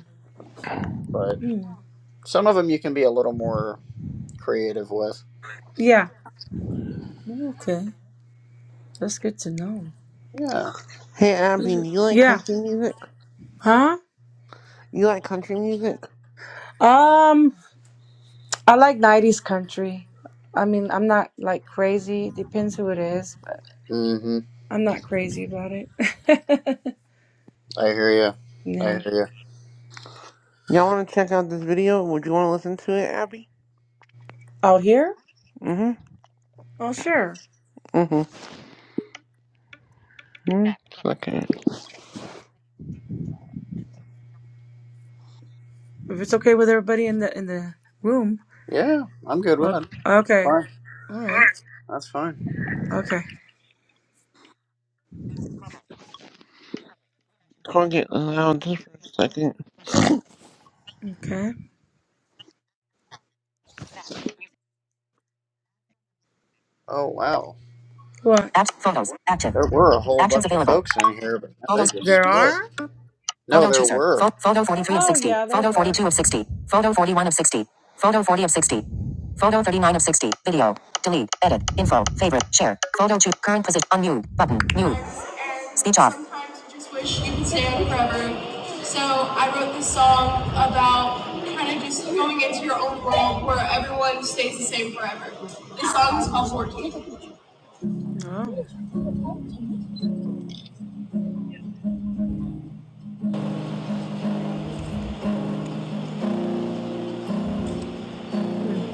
[SPEAKER 5] but
[SPEAKER 1] Mm,
[SPEAKER 5] some of them you can be a little more creative with.
[SPEAKER 1] yeah. Oh, Okay. That's good to know.
[SPEAKER 5] Yeah.
[SPEAKER 3] Hey Abby,
[SPEAKER 1] Mhm.
[SPEAKER 3] do you like
[SPEAKER 1] Yeah.
[SPEAKER 3] country music?
[SPEAKER 1] Huh?
[SPEAKER 3] You like country music?
[SPEAKER 1] Um, I like 90s country. I mean, I'm not like crazy. Depends who it is, but
[SPEAKER 5] Mm-hmm.
[SPEAKER 1] I'm not crazy about it. [LAUGHS]
[SPEAKER 5] I hear you. I
[SPEAKER 1] nah.
[SPEAKER 5] hear you.
[SPEAKER 3] Y'all want to check out this video? Would you want to listen to it, Abby?
[SPEAKER 1] Out here?
[SPEAKER 3] Mm-hmm.
[SPEAKER 1] Oh, sure.
[SPEAKER 3] Mm-hmm. mm Second.
[SPEAKER 1] If it's okay with everybody in the in the room.
[SPEAKER 5] Yeah, I'm good with
[SPEAKER 1] Okay.
[SPEAKER 5] it.
[SPEAKER 1] Okay.
[SPEAKER 5] Fine.
[SPEAKER 1] All right.
[SPEAKER 5] That's fine.
[SPEAKER 1] Okay.
[SPEAKER 3] Can't get loud just for a second.
[SPEAKER 1] Okay.
[SPEAKER 5] Oh wow,
[SPEAKER 1] What?
[SPEAKER 3] Act photos.
[SPEAKER 5] there were a
[SPEAKER 3] Action.
[SPEAKER 5] whole
[SPEAKER 3] Actions
[SPEAKER 5] bunch of
[SPEAKER 3] available.
[SPEAKER 5] folks in here, but now they just
[SPEAKER 1] There are?
[SPEAKER 5] split. No,
[SPEAKER 3] Photo
[SPEAKER 5] there
[SPEAKER 3] chooser.
[SPEAKER 5] were.
[SPEAKER 3] Pho- photo 43 of
[SPEAKER 1] Oh
[SPEAKER 3] 60.
[SPEAKER 1] yeah, there
[SPEAKER 3] Photo
[SPEAKER 1] were.
[SPEAKER 3] 42 of 60.
[SPEAKER 1] Mm.
[SPEAKER 3] Photo 41 of 60. Photo 40 of 60. Photo 39 of 60. Video. Delete. Edit. Info. Favorite. Share. Photo choose. Current position. Unmute. Button. Mute. Speech off. Sometimes you just wish you could stay on forever. So I wrote this song about kind of just going into your own world where everyone stays the same forever. This song is
[SPEAKER 1] Mm.
[SPEAKER 3] called 14.
[SPEAKER 1] Oh. Mm.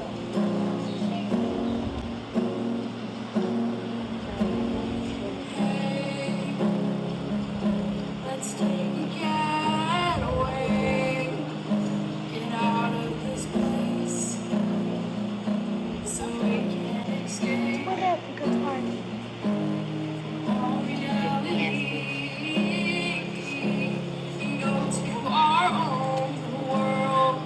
[SPEAKER 3] Hey, Let's take a getaway. Get out of this place so we can escape our reality and go to our own world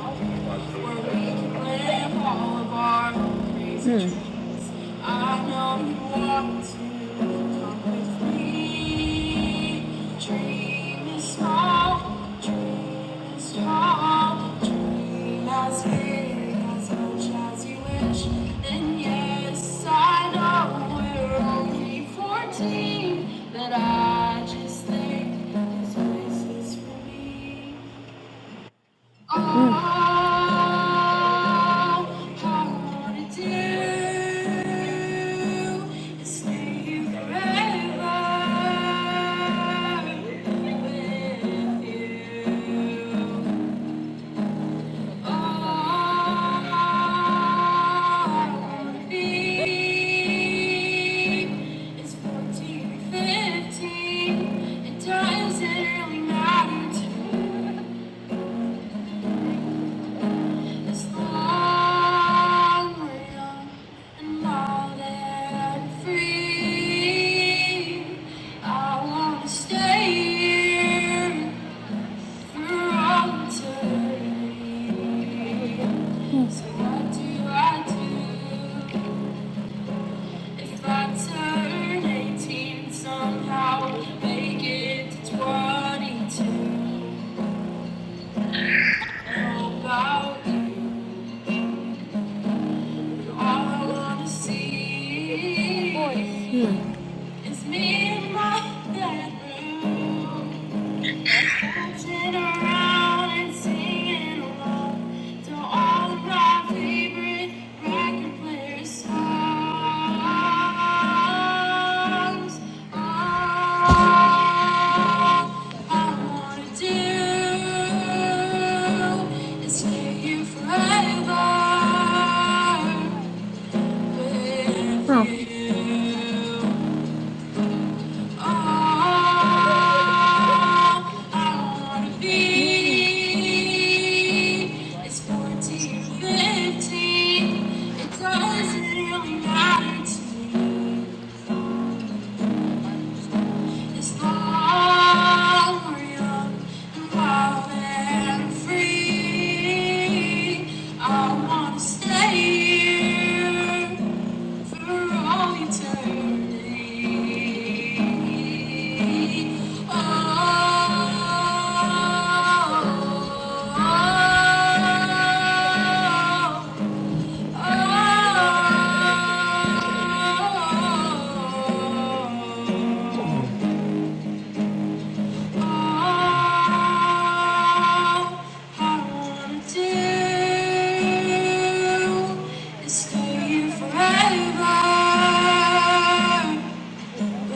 [SPEAKER 3] where we can live all of our crazy
[SPEAKER 1] Mm.
[SPEAKER 3] dreams. I know you want to come with me. dream as big, as you wish. And yes, I know we're only 14, but I just think this place is for me. All
[SPEAKER 1] Mm.
[SPEAKER 3] I wanna do is stay here forever with you. All I wanna be is 14 or 15, and times it really matter to me. It's now we're young and wild and free. I wanna stay here for all eternity.
[SPEAKER 1] Mm.
[SPEAKER 3] So what do I do if I turn 18 somehow, make it to 22? about you, all I wanna see.
[SPEAKER 1] Mm.
[SPEAKER 3] It's me and my bedroom, dancing around and singing along to all of my favorite record player songs. All I wanna do is hear you forever with
[SPEAKER 1] Oh.
[SPEAKER 3] you. Oh, I wanna
[SPEAKER 1] Mm.
[SPEAKER 3] be. It's 14, 15. It doesn't really matter to me as long we're young and wild and free. I wanna stay here. For all eternity. oh, oh, oh. I wanna do is stay here forever. Stay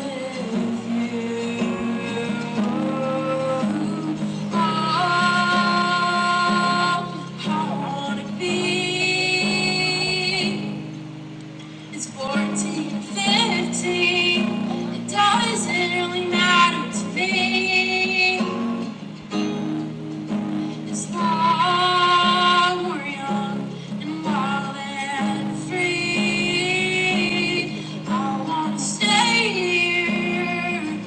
[SPEAKER 3] here.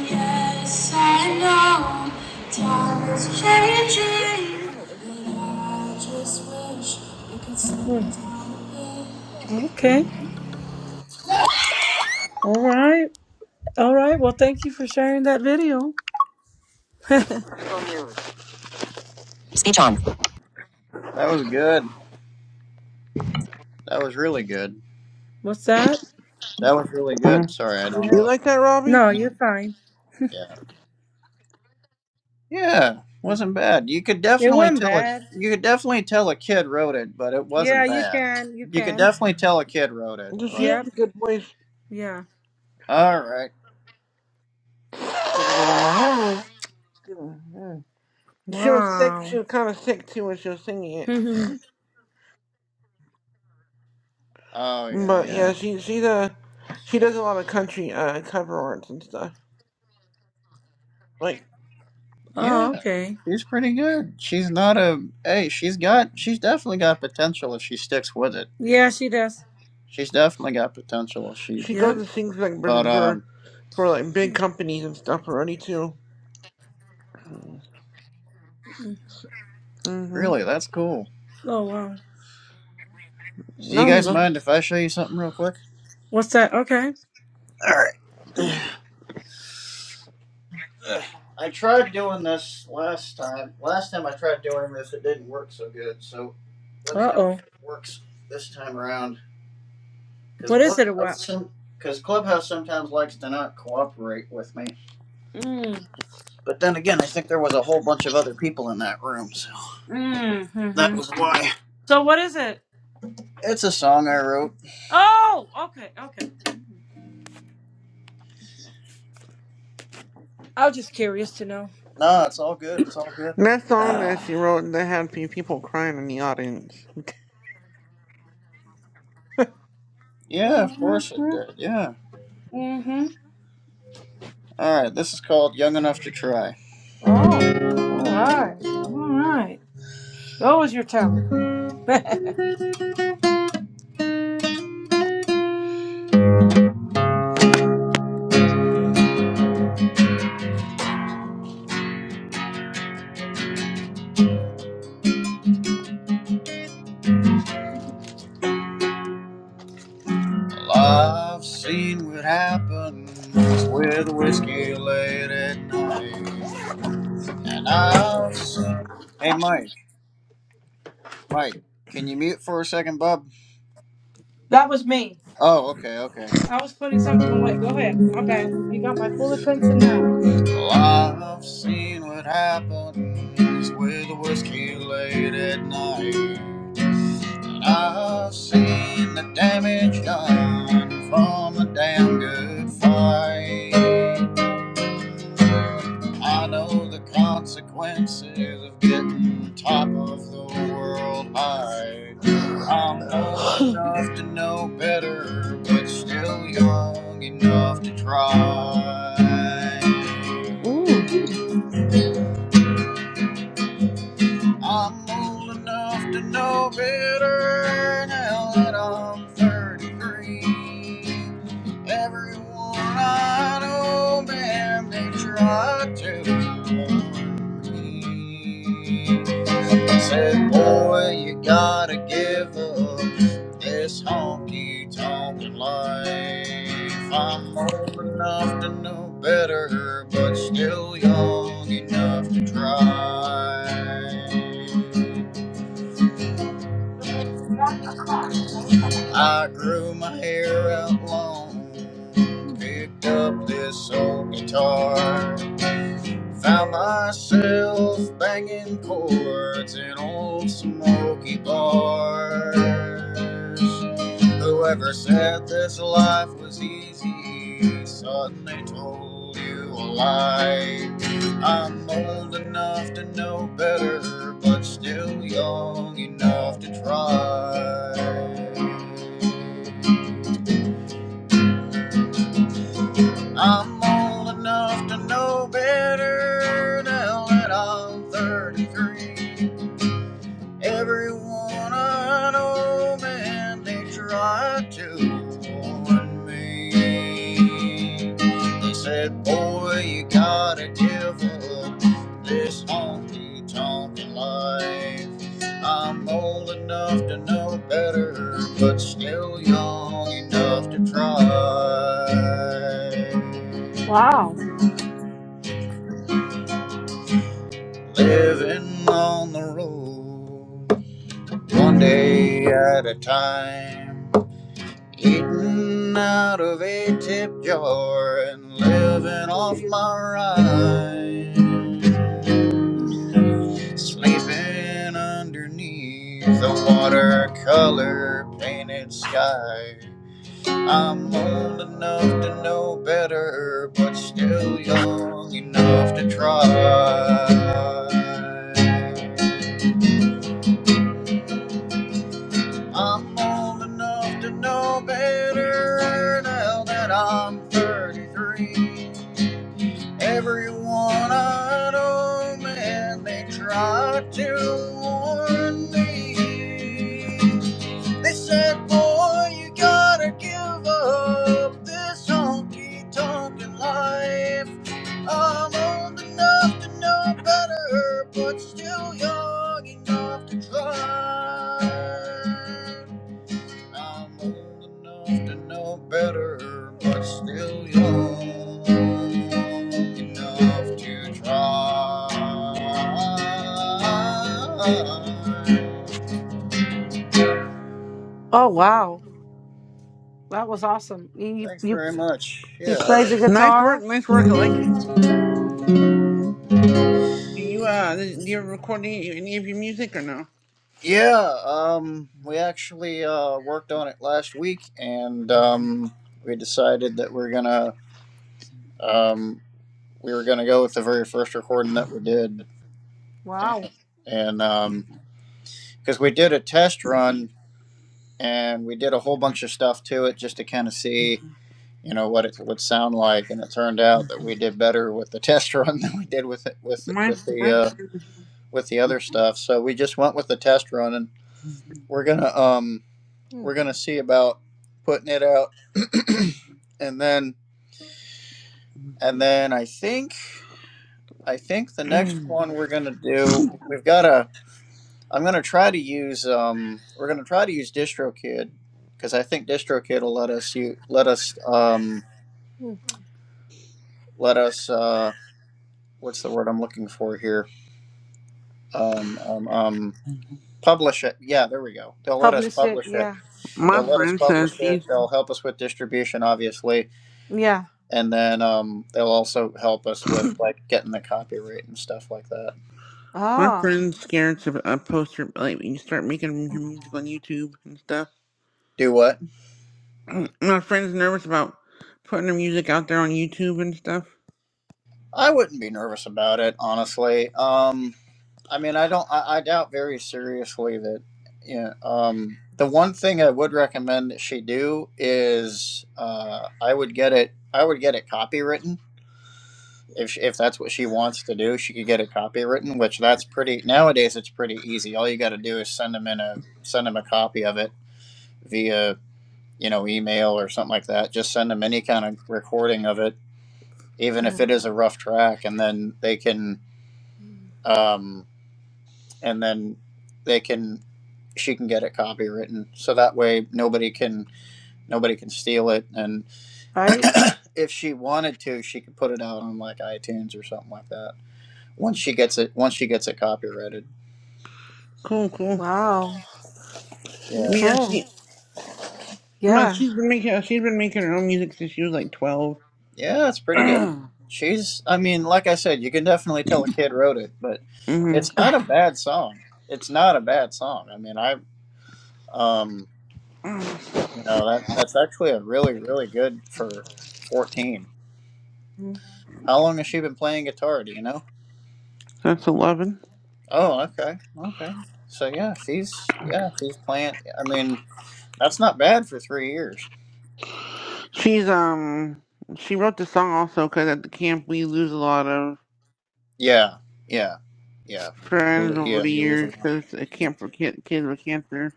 [SPEAKER 3] yes,
[SPEAKER 1] Mm. Okay. All right. All right. Well, thank you for sharing that video.
[SPEAKER 3] Speech on.
[SPEAKER 5] That was good. That was really good.
[SPEAKER 1] What's that?
[SPEAKER 5] That was really good. Sorry, I don't
[SPEAKER 1] Yeah.
[SPEAKER 3] You
[SPEAKER 5] know. If,
[SPEAKER 3] like that, Robbie?
[SPEAKER 1] No, you're fine.
[SPEAKER 5] yeah. Yeah, wasn't bad. You could
[SPEAKER 1] It
[SPEAKER 5] definitely
[SPEAKER 1] wasn't
[SPEAKER 5] tell a
[SPEAKER 1] bad.
[SPEAKER 5] you could definitely tell a kid wrote it, but it
[SPEAKER 1] Yeah,
[SPEAKER 5] wasn't
[SPEAKER 1] you
[SPEAKER 5] bad.
[SPEAKER 1] can. You
[SPEAKER 5] You could
[SPEAKER 1] can.
[SPEAKER 5] definitely tell a kid wrote it,
[SPEAKER 3] Does she
[SPEAKER 5] but
[SPEAKER 3] have
[SPEAKER 1] Yep.
[SPEAKER 3] a good voice?
[SPEAKER 1] Yeah.
[SPEAKER 5] all right.
[SPEAKER 3] She was sick.
[SPEAKER 1] Wow.
[SPEAKER 3] She was kind of sick too when she was singing
[SPEAKER 1] [LAUGHS]
[SPEAKER 3] it.
[SPEAKER 1] oh,
[SPEAKER 5] Oh yeah,
[SPEAKER 3] But
[SPEAKER 5] yeah,
[SPEAKER 3] yeah, she she's a she does a lot of country uh cover arts and stuff. Like
[SPEAKER 5] yeah.
[SPEAKER 1] okay.
[SPEAKER 5] She's pretty good. She's not a hey. She's got she's definitely got potential if she sticks with it.
[SPEAKER 1] Yeah, she does.
[SPEAKER 5] She's definitely got potential. If she,
[SPEAKER 3] she goes
[SPEAKER 1] Yep.
[SPEAKER 5] it,
[SPEAKER 3] and sings like
[SPEAKER 5] but
[SPEAKER 3] for
[SPEAKER 5] um,
[SPEAKER 3] for, for like big
[SPEAKER 1] Mm,
[SPEAKER 3] companies and stuff already too.
[SPEAKER 1] mm.
[SPEAKER 3] Mhm.
[SPEAKER 5] really, that's cool.
[SPEAKER 1] Oh, wow.
[SPEAKER 5] Do you
[SPEAKER 3] No,
[SPEAKER 5] guys
[SPEAKER 3] no.
[SPEAKER 1] Mm.
[SPEAKER 5] mind if I show you something real quick?
[SPEAKER 1] What's that? Okay.
[SPEAKER 5] All right.
[SPEAKER 3] Mm.
[SPEAKER 5] I tried doing this last time. Last time I tried doing this, it didn't work so good. So let me
[SPEAKER 1] Uh
[SPEAKER 5] know if
[SPEAKER 1] oh.
[SPEAKER 5] it works this time around. Because
[SPEAKER 1] What is it about?
[SPEAKER 5] Clubhouse, because Clubhouse sometimes likes to not cooperate with me.
[SPEAKER 1] Mm.
[SPEAKER 5] But then again, I think there was a whole bunch of other people in that room, so
[SPEAKER 1] Mm.
[SPEAKER 5] that was why.
[SPEAKER 1] So what is it?
[SPEAKER 5] It's a song I wrote.
[SPEAKER 1] Oh, okay, okay. I was just curious to know. [SIGHS]
[SPEAKER 5] No, it's all good. It's all good.
[SPEAKER 3] That song that
[SPEAKER 1] Uh,
[SPEAKER 3] she wrote that had a few people crying in the audience.
[SPEAKER 5] Yeah, of
[SPEAKER 1] mhm,
[SPEAKER 5] course it did. Yeah.
[SPEAKER 1] mm mhm.
[SPEAKER 5] All right. This is called "Young Enough to Try."
[SPEAKER 1] Oh, all right, all right. That was your talent. [LAUGHS] that
[SPEAKER 5] Well, I've seen what happens with whiskey late at night. And I've seen. Hey, Mike. Mike, can you mute for a second, bub?
[SPEAKER 1] was me.
[SPEAKER 5] Oh, okay, okay.
[SPEAKER 1] I was putting something away. Go ahead. My bad. You got my full attention now.
[SPEAKER 5] Well, I've seen what happens with whiskey late at night. And I've seen the damage done from a damn good fight. I know the consequences of getting top of the world high. I'm old
[SPEAKER 1] [CLEARS THROAT]
[SPEAKER 5] enough to know better, but still young enough to try.
[SPEAKER 1] Mm,
[SPEAKER 5] I'm old enough to know better now that I'm 33. Everyone I know, man, they try to warn me. Said, boy, you gotta give up this honky tonkin' life. I'm old enough to know better, but still young enough to try. I grew my hair out long, picked up this old guitar. Found myself banging chords in old smoky bars. Whoever said this life was easy suddenly told you a lie. I'm old enough to know better, but still young enough to try. I'm old enough to know better now that I'm 33. Everyone I know, man, they try to warn me. They said, boy, you gotta give up this honky tonk life. I'm old enough to know better, but still young enough to try.
[SPEAKER 1] wow.
[SPEAKER 5] Living on the road, one day at a time. Eating out of a tip jar and living off my rind. Sleeping underneath the watercolor painted sky. I'm old enough to know better, but still young enough to try. I'm old enough to know better now that I'm 33. Everyone I know, man, they tried to warn me. They said, boy, you gotta give up this honky tonkin' life. I'm old enough to know better, but still young enough to try. I'm old enough to know better, but still young enough to try.
[SPEAKER 1] Oh wow, that was awesome. you
[SPEAKER 5] Thanks
[SPEAKER 1] you
[SPEAKER 5] very much.
[SPEAKER 1] you
[SPEAKER 5] Yeah, I re-
[SPEAKER 1] played the
[SPEAKER 3] Nice work,
[SPEAKER 1] guitar.
[SPEAKER 3] nice work. I like. it. Do you uh do you record any, any of your music or no?
[SPEAKER 5] yeah. Um, we actually uh, worked on it last week, and um, we decided that we're gonna um, we were gonna go with the very first recording that we did,
[SPEAKER 1] Wow.
[SPEAKER 5] and, and um, because we did a test run and we did a whole bunch of stuff to it just to kind of see, you know, what it would sound like. And it turned out that we did better with the [LAUGHS] test run than we did with it, with
[SPEAKER 3] My
[SPEAKER 5] with the
[SPEAKER 3] my
[SPEAKER 5] uh, with the other stuff. So we just went with the test run, and we're gonna um we're
[SPEAKER 1] Mm,
[SPEAKER 5] gonna see about putting it out, [CLEARS THROAT] and then and
[SPEAKER 1] mm,
[SPEAKER 5] then I think I think the next one we're gonna do we've got a I'm gonna try to use um we're gonna try to use DistroKid because I think DistroKid will let us you let us um
[SPEAKER 1] mm.
[SPEAKER 5] let us uh what's the word i'm looking for here um um, um publish it yeah there we go they'll let us
[SPEAKER 1] Publish it,
[SPEAKER 5] publish it
[SPEAKER 1] yeah.
[SPEAKER 3] my
[SPEAKER 5] they'll
[SPEAKER 1] Uh-huh.
[SPEAKER 5] let us
[SPEAKER 3] friend says
[SPEAKER 5] publish
[SPEAKER 3] she's
[SPEAKER 5] it they'll help us with distribution obviously
[SPEAKER 1] Yeah.
[SPEAKER 5] and then um they'll also help us with like getting the copyright and stuff like that
[SPEAKER 3] My
[SPEAKER 1] Ah,
[SPEAKER 3] friend's scared of a poster, like when you start making your music on YouTube and stuff.
[SPEAKER 5] do what
[SPEAKER 3] [CLEARS THROAT] My friend's nervous about putting her music out there on YouTube and stuff.
[SPEAKER 5] i wouldn't be nervous about it honestly um i mean i don't i, I doubt very seriously that yeah um the one thing i would recommend that she do is uh i would get it i would get it copywritten if she, if that's what she wants to do, she could get a copy written, which that's pretty nowadays. It's pretty easy. All you got to do is send them in a send them a copy of it via you know email or something like that. Just send them any kind of recording of it, even if it is a rough track, and then they can um, and then they can she can get it copywritten so that way nobody can nobody can steal it and [COUGHS] [CLEARS THROAT]
[SPEAKER 1] right.
[SPEAKER 5] if she wanted to she could put it out on like itunes or something like that once she gets it once she gets it copyrighted
[SPEAKER 3] Cool, cool.
[SPEAKER 1] Wow.
[SPEAKER 5] Yeah.
[SPEAKER 3] Mia,
[SPEAKER 1] Okay.
[SPEAKER 3] she, but
[SPEAKER 1] Yeah.
[SPEAKER 3] she's been making uh, she's been making her own music since she was like twelve.
[SPEAKER 5] Yeah, it's
[SPEAKER 3] [CLEARS THROAT]
[SPEAKER 5] pretty good.
[SPEAKER 3] hmm
[SPEAKER 5] She's I mean, like I said, you can definitely tell a kid wrote it, but it's not
[SPEAKER 1] [SIGHS]
[SPEAKER 5] a bad song. It's not a bad song. I mean, I um, you know, that that's actually a really really good for 14. How long has she been playing guitar, do you know?
[SPEAKER 3] That's eleven.
[SPEAKER 5] Oh, okay. Okay. So yeah, she's yeah, she's playing I mean, that's not bad for 3 years.
[SPEAKER 3] She's um she wrote the song also because at the camp we lose a lot of
[SPEAKER 5] Yeah. Yeah. Yeah. You
[SPEAKER 3] friends
[SPEAKER 5] lo-
[SPEAKER 3] over
[SPEAKER 5] yeah,
[SPEAKER 3] the
[SPEAKER 5] you lose a
[SPEAKER 3] years
[SPEAKER 5] lot.
[SPEAKER 3] because a
[SPEAKER 5] Of
[SPEAKER 3] camp for kid, kids with cancer.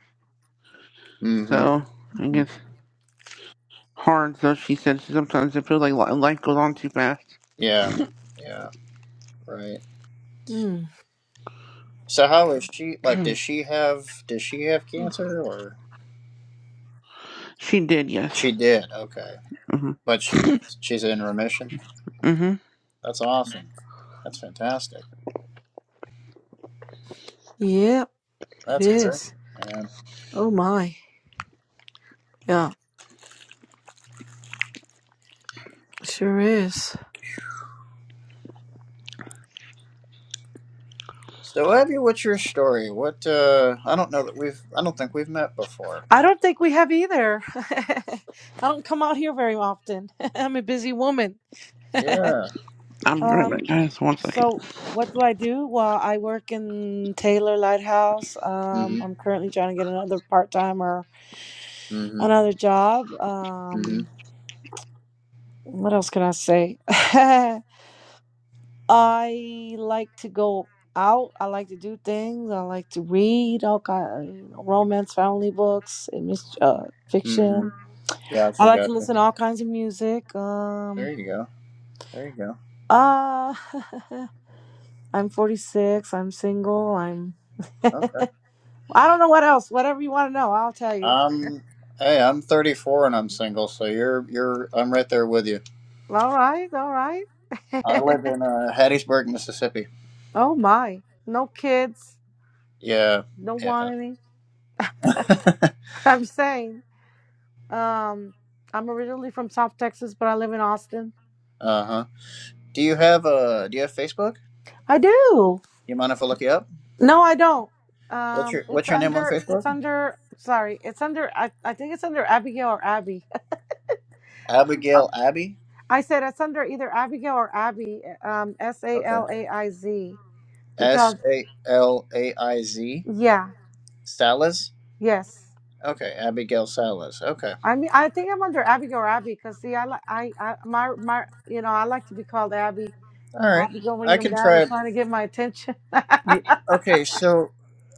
[SPEAKER 5] mhm.
[SPEAKER 3] So I
[SPEAKER 5] mhm.
[SPEAKER 3] guess. hard, though she said sometimes it feels like li- life goes on too fast.
[SPEAKER 5] Yeah. Yeah. Right.
[SPEAKER 1] Mm.
[SPEAKER 5] So how is she? Like, does she have? Does she have cancer? Or
[SPEAKER 3] She did, yes.
[SPEAKER 5] she did? Okay,
[SPEAKER 3] Mm-hmm.
[SPEAKER 5] but she she's in remission.
[SPEAKER 3] Mm-hmm.
[SPEAKER 5] That's awesome. That's fantastic.
[SPEAKER 1] Yep, it
[SPEAKER 5] That's great,
[SPEAKER 1] is.
[SPEAKER 5] man.
[SPEAKER 1] Oh my. Yeah, sure is.
[SPEAKER 5] So Abby, what's your story? What? uh I don't know that we've. I don't think we've met before.
[SPEAKER 1] I don't think we have either. [LAUGHS] I don't come out here very often. [LAUGHS] I'm a busy woman. [LAUGHS]
[SPEAKER 5] Yeah.
[SPEAKER 3] I'll be right
[SPEAKER 1] um,
[SPEAKER 3] back, guys. One second.
[SPEAKER 1] so what do I do? Well, I work in Taylor Lighthouse.
[SPEAKER 5] Mm-hmm.
[SPEAKER 1] Um, I'm currently trying to get another part time or
[SPEAKER 5] Mm-hmm.
[SPEAKER 1] another job.
[SPEAKER 5] Mm-hmm.
[SPEAKER 1] Um, what else can I say? [LAUGHS] I like to go out. I like to do things. I like to read all kind romance, family books, and mis- uh,
[SPEAKER 5] Mm-hmm.
[SPEAKER 1] fiction. I
[SPEAKER 5] Gotcha.
[SPEAKER 1] like to
[SPEAKER 5] Gotcha.
[SPEAKER 1] listen to all kinds of music. Um,
[SPEAKER 5] There you go. There you go.
[SPEAKER 1] uh, [LAUGHS] I'm 46. I'm single. I'm. [LAUGHS]
[SPEAKER 5] Okay.
[SPEAKER 1] I don't know what else. Whatever you want to know, I'll tell you.
[SPEAKER 5] Um. Hey, I'm 34 and I'm single, so you're you're I'm right there with you.
[SPEAKER 1] All right. All right. [LAUGHS]
[SPEAKER 5] I live in uh, Hattiesburg, Mississippi.
[SPEAKER 1] oh my. No kids.
[SPEAKER 5] Yeah,
[SPEAKER 1] Don't
[SPEAKER 5] yeah.
[SPEAKER 1] want any. [LAUGHS] I'm saying. Um, I'm originally from South Texas, but I live in Austin.
[SPEAKER 5] Uh huh. Do you have uh Do you have Facebook?
[SPEAKER 1] I do.
[SPEAKER 5] You mind if I look you up?
[SPEAKER 1] No, I don't.
[SPEAKER 5] What's
[SPEAKER 1] Um,
[SPEAKER 5] your
[SPEAKER 1] it's
[SPEAKER 5] What's your name on
[SPEAKER 1] under.
[SPEAKER 5] Facebook?
[SPEAKER 1] It's under. Sorry, it's under. I, I think it's under Abigail or Abby. [LAUGHS]
[SPEAKER 5] Abigail Abby.
[SPEAKER 1] I said it's under either Abigail or Abby, eh, um, S A
[SPEAKER 5] Okay.
[SPEAKER 1] L A I Z.
[SPEAKER 5] S
[SPEAKER 1] Because
[SPEAKER 5] A L A I Z
[SPEAKER 1] yeah,
[SPEAKER 5] Salas.
[SPEAKER 1] yes.
[SPEAKER 5] Okay, Abigail Salas. Okay.
[SPEAKER 1] I mean, I think I'm under Abigail or Abby because see, I like I, I my my you know I like to be called Abby.
[SPEAKER 5] All right.
[SPEAKER 1] Abigail when
[SPEAKER 5] I
[SPEAKER 1] you're
[SPEAKER 5] can
[SPEAKER 1] mad or
[SPEAKER 5] try.
[SPEAKER 1] trying to get my attention. [LAUGHS]
[SPEAKER 5] You okay? So,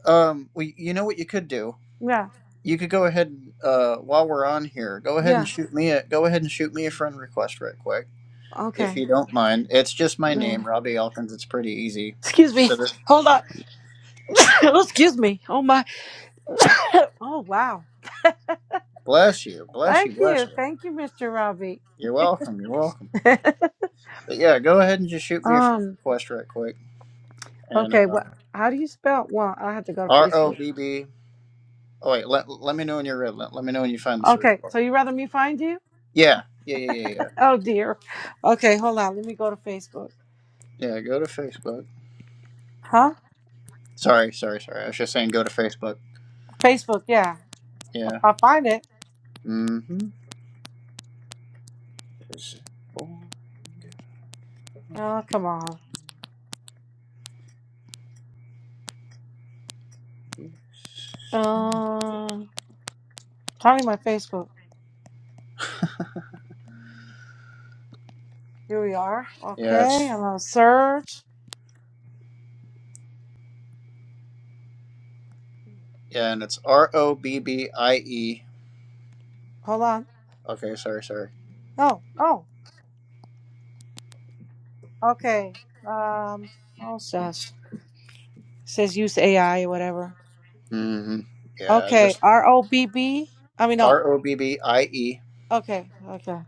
[SPEAKER 5] um, we, you know what you could do?
[SPEAKER 1] yeah,
[SPEAKER 5] You could go ahead and uh, while we're on here, go ahead and
[SPEAKER 1] yeah.
[SPEAKER 5] shoot me a go ahead and shoot me a friend request right quick, if you
[SPEAKER 1] Okay.
[SPEAKER 5] don't mind. It's just my name,
[SPEAKER 1] No.
[SPEAKER 5] Robbie Elkins. It's pretty easy.
[SPEAKER 1] Excuse me. Hold on. [LAUGHS] [COUGHS] Oh, Excuse me. Oh my. Oh wow.
[SPEAKER 5] Bless you, bless you,
[SPEAKER 1] Thank
[SPEAKER 5] bless
[SPEAKER 1] you.
[SPEAKER 5] you.
[SPEAKER 1] Thank you, Mr. Robbie.
[SPEAKER 5] You're welcome. You're welcome.
[SPEAKER 1] [LAUGHS]
[SPEAKER 5] But yeah, go ahead and just shoot me a friend
[SPEAKER 1] um.
[SPEAKER 5] request right quick. And
[SPEAKER 1] Okay.
[SPEAKER 5] uh,
[SPEAKER 1] What? How do you spell? Well, I have to go to
[SPEAKER 5] R
[SPEAKER 1] Facebook.
[SPEAKER 5] O B B. Oh wait, let, let me know when you're ready. Let, let me know when you find the search.
[SPEAKER 1] Okay,
[SPEAKER 5] bar.
[SPEAKER 1] so you rather me find you?
[SPEAKER 5] Yeah, yeah, yeah, yeah, yeah.
[SPEAKER 1] Oh dear. Okay, hold on. Let me go to Facebook.
[SPEAKER 5] Yeah, go to Facebook.
[SPEAKER 1] Huh?
[SPEAKER 5] Sorry, sorry, sorry. I was just saying go to Facebook.
[SPEAKER 1] Facebook, yeah. If
[SPEAKER 5] Yeah.
[SPEAKER 1] I find it.
[SPEAKER 5] Mm-hmm.
[SPEAKER 1] Oh, come on. Um, finding my Facebook. Here we are.
[SPEAKER 5] Yeah,
[SPEAKER 1] Okay,
[SPEAKER 5] it's
[SPEAKER 1] I'm gonna search.
[SPEAKER 5] yeah, and it's R O B B I E.
[SPEAKER 1] Hold on.
[SPEAKER 5] Okay, sorry, sorry.
[SPEAKER 1] Oh, oh. Okay. Um. Oh, shush. It says use AI or whatever.
[SPEAKER 5] Mm-hmm. Yeah,
[SPEAKER 1] Okay.
[SPEAKER 5] just
[SPEAKER 1] R O B B. I mean, no.
[SPEAKER 5] R O B B I E.
[SPEAKER 1] Okay. Okay.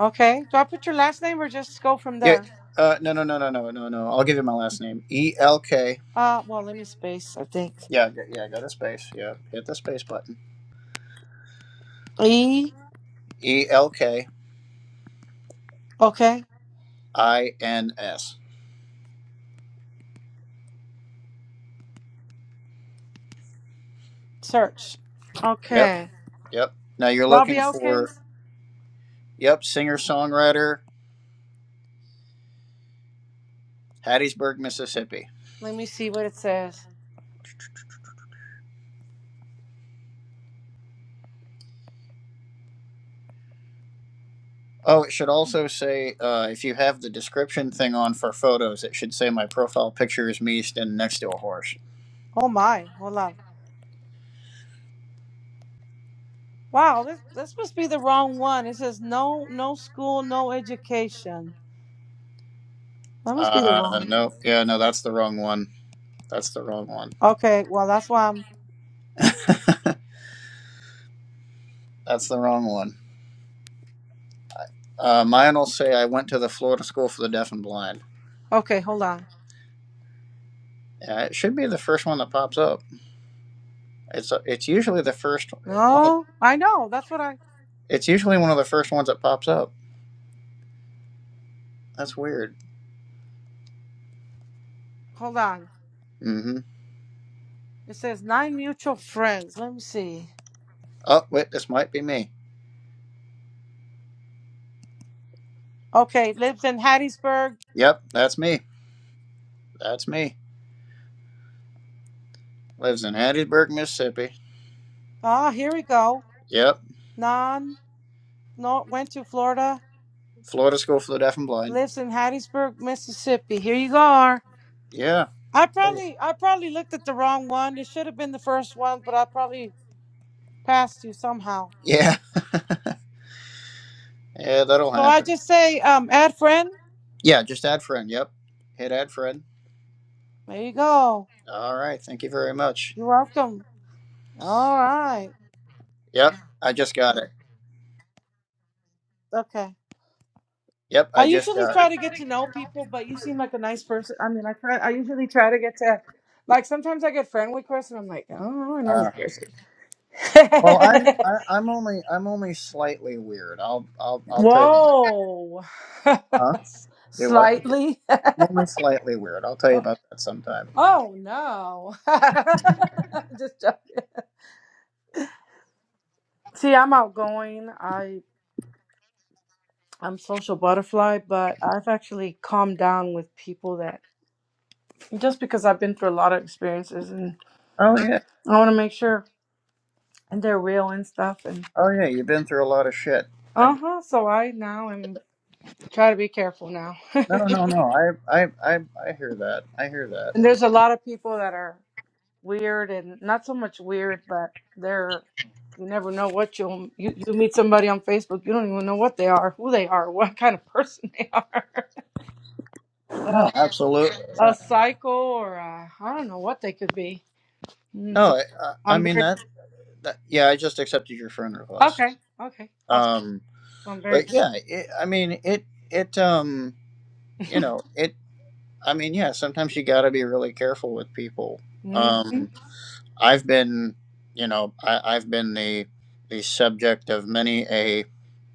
[SPEAKER 1] Okay. Do I put your last name or just go from
[SPEAKER 5] Yeah.
[SPEAKER 1] there?
[SPEAKER 5] Uh, no, no, no, no, no, no, no. I'll give you my last name. E L K.
[SPEAKER 1] Uh. Well, let me space. I think.
[SPEAKER 5] Yeah, go- yeah. Go to space. Yeah, hit the space button.
[SPEAKER 1] E.
[SPEAKER 5] E L K
[SPEAKER 1] Okay,
[SPEAKER 5] I N S.
[SPEAKER 1] search.
[SPEAKER 5] Yep,
[SPEAKER 1] Okay,
[SPEAKER 5] yep. Now you're
[SPEAKER 1] Robbie
[SPEAKER 5] looking for
[SPEAKER 1] Elkins.
[SPEAKER 5] yep singer songwriter Hattiesburg, Mississippi.
[SPEAKER 1] Let me see what it says.
[SPEAKER 5] Oh, it should also say uh, if you have the description thing on for photos, it should say my profile picture is me standing next to a horse.
[SPEAKER 1] Oh my, hold on. Wow, this this must be the wrong one. It says no, no school, no education. That must be the
[SPEAKER 5] Uh,
[SPEAKER 1] wrong.
[SPEAKER 5] no, yeah, no, that's the wrong one. That's the wrong one.
[SPEAKER 1] Okay, well that's why I'm.
[SPEAKER 5] That's the wrong one. Uh, mine will say I went to the Florida School for the Deaf and Blind.
[SPEAKER 1] Okay, hold on.
[SPEAKER 5] Uh, it should be the first one that pops up. It's uh, it's usually the first one. Of,
[SPEAKER 1] No, I know. That's what I.
[SPEAKER 5] it's usually one of the first ones that pops up. That's weird.
[SPEAKER 1] Hold on.
[SPEAKER 5] Mm-hmm.
[SPEAKER 1] It says nine mutual friends. Let me see.
[SPEAKER 5] Oh wait, this might be me.
[SPEAKER 1] Okay, lives in Hattiesburg.
[SPEAKER 5] Yep, that's me. That's me. Lives in Hattiesburg, Mississippi.
[SPEAKER 1] Ah, here we go.
[SPEAKER 5] Yep,
[SPEAKER 1] Non, no, went to Florida.
[SPEAKER 5] Florida School for the Deaf and Blind.
[SPEAKER 1] Lives in Hattiesburg, Mississippi. Here you go.
[SPEAKER 5] Yeah,
[SPEAKER 1] I probably I probably looked at the wrong one. It should have been the first one, but I probably passed you somehow.
[SPEAKER 5] yeah, [LAUGHS] yeah. That'll
[SPEAKER 1] So I
[SPEAKER 5] happen.
[SPEAKER 1] just say, um, add friend.
[SPEAKER 5] Yeah, just add friend. Yep, hit add friend.
[SPEAKER 1] There you go.
[SPEAKER 5] All right, thank you very much.
[SPEAKER 1] You're welcome. All right.
[SPEAKER 5] Yep, I just got it.
[SPEAKER 1] Okay.
[SPEAKER 5] Yep,
[SPEAKER 1] I
[SPEAKER 5] I just
[SPEAKER 1] usually
[SPEAKER 5] got.
[SPEAKER 1] try to get to know people, but you seem like a nice person. I mean, I try. I usually try to get to, like, sometimes I get friend requests, and I'm like, oh, I don't really know this
[SPEAKER 5] Uh,
[SPEAKER 1] person.
[SPEAKER 5] well, I'm
[SPEAKER 1] [LAUGHS]
[SPEAKER 5] I, I'm only I'm only slightly weird. I'll I'll I'll tell you. About,
[SPEAKER 1] Whoa, [LAUGHS]
[SPEAKER 5] huh? Do what?
[SPEAKER 1] slightly. [LAUGHS]
[SPEAKER 5] I'm only slightly weird. I'll tell you about that sometime.
[SPEAKER 1] Oh, oh no, [LAUGHS] just joking. See, I'm outgoing. I I'm social butterfly, but I've actually calmed down with people that just because I've been through a lot of experiences and
[SPEAKER 5] Oh yeah,
[SPEAKER 1] I want to make sure and they're real and stuff and
[SPEAKER 5] oh yeah. You've been through a lot of shit. I get-
[SPEAKER 1] uh-huh, so I now am try to be careful now. [LAUGHS]
[SPEAKER 5] no
[SPEAKER 1] and
[SPEAKER 5] no no. I I I I hear that. I hear that.
[SPEAKER 1] there's a lot of people that are weird and not so much weird, but they're you never know what you'll you, you meet somebody on Facebook, you don't even know what they are, who they are, [LAUGHS] what kind of person [LAUGHS] they are.
[SPEAKER 5] No, absolutely. Yeah.
[SPEAKER 1] a cycle or I I don't know what they could be. Mm, so
[SPEAKER 5] No, I I I
[SPEAKER 1] I'm
[SPEAKER 5] mean
[SPEAKER 1] very
[SPEAKER 5] that, that. Yeah, I just accepted your friend request.
[SPEAKER 1] okay. Okay, awesome.
[SPEAKER 5] Um,
[SPEAKER 1] I'm very
[SPEAKER 5] but yeah, it, I mean it it um you know it. I mean, yeah, sometimes you got to be really careful with people.
[SPEAKER 1] mm,
[SPEAKER 5] Um, I've been, you know, I, I've been the the subject of many a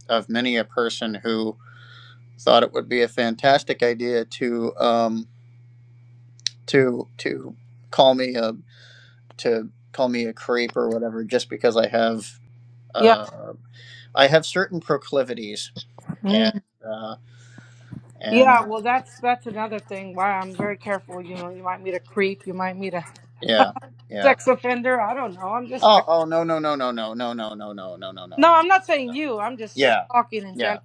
[SPEAKER 5] of many a person who thought it would be a fantastic idea to um, to to call me a to call me a creep or whatever just because I have
[SPEAKER 1] yeah
[SPEAKER 5] uh, I have certain proclivities and
[SPEAKER 1] mm.
[SPEAKER 5] uh, and
[SPEAKER 1] yeah.
[SPEAKER 5] uh,
[SPEAKER 1] Well, that's that's another thing why I'm very careful. You know, you might meet a creep, you might meet a
[SPEAKER 5] yeah yeah
[SPEAKER 1] sex offender. I don't know. I'm just
[SPEAKER 5] oh
[SPEAKER 1] very,
[SPEAKER 5] oh no no no no no no no no no no no no
[SPEAKER 1] no.
[SPEAKER 5] no
[SPEAKER 1] I'm not
[SPEAKER 5] no
[SPEAKER 1] saying you. I'm just
[SPEAKER 5] Yeah,
[SPEAKER 1] talking in general.
[SPEAKER 5] yeah,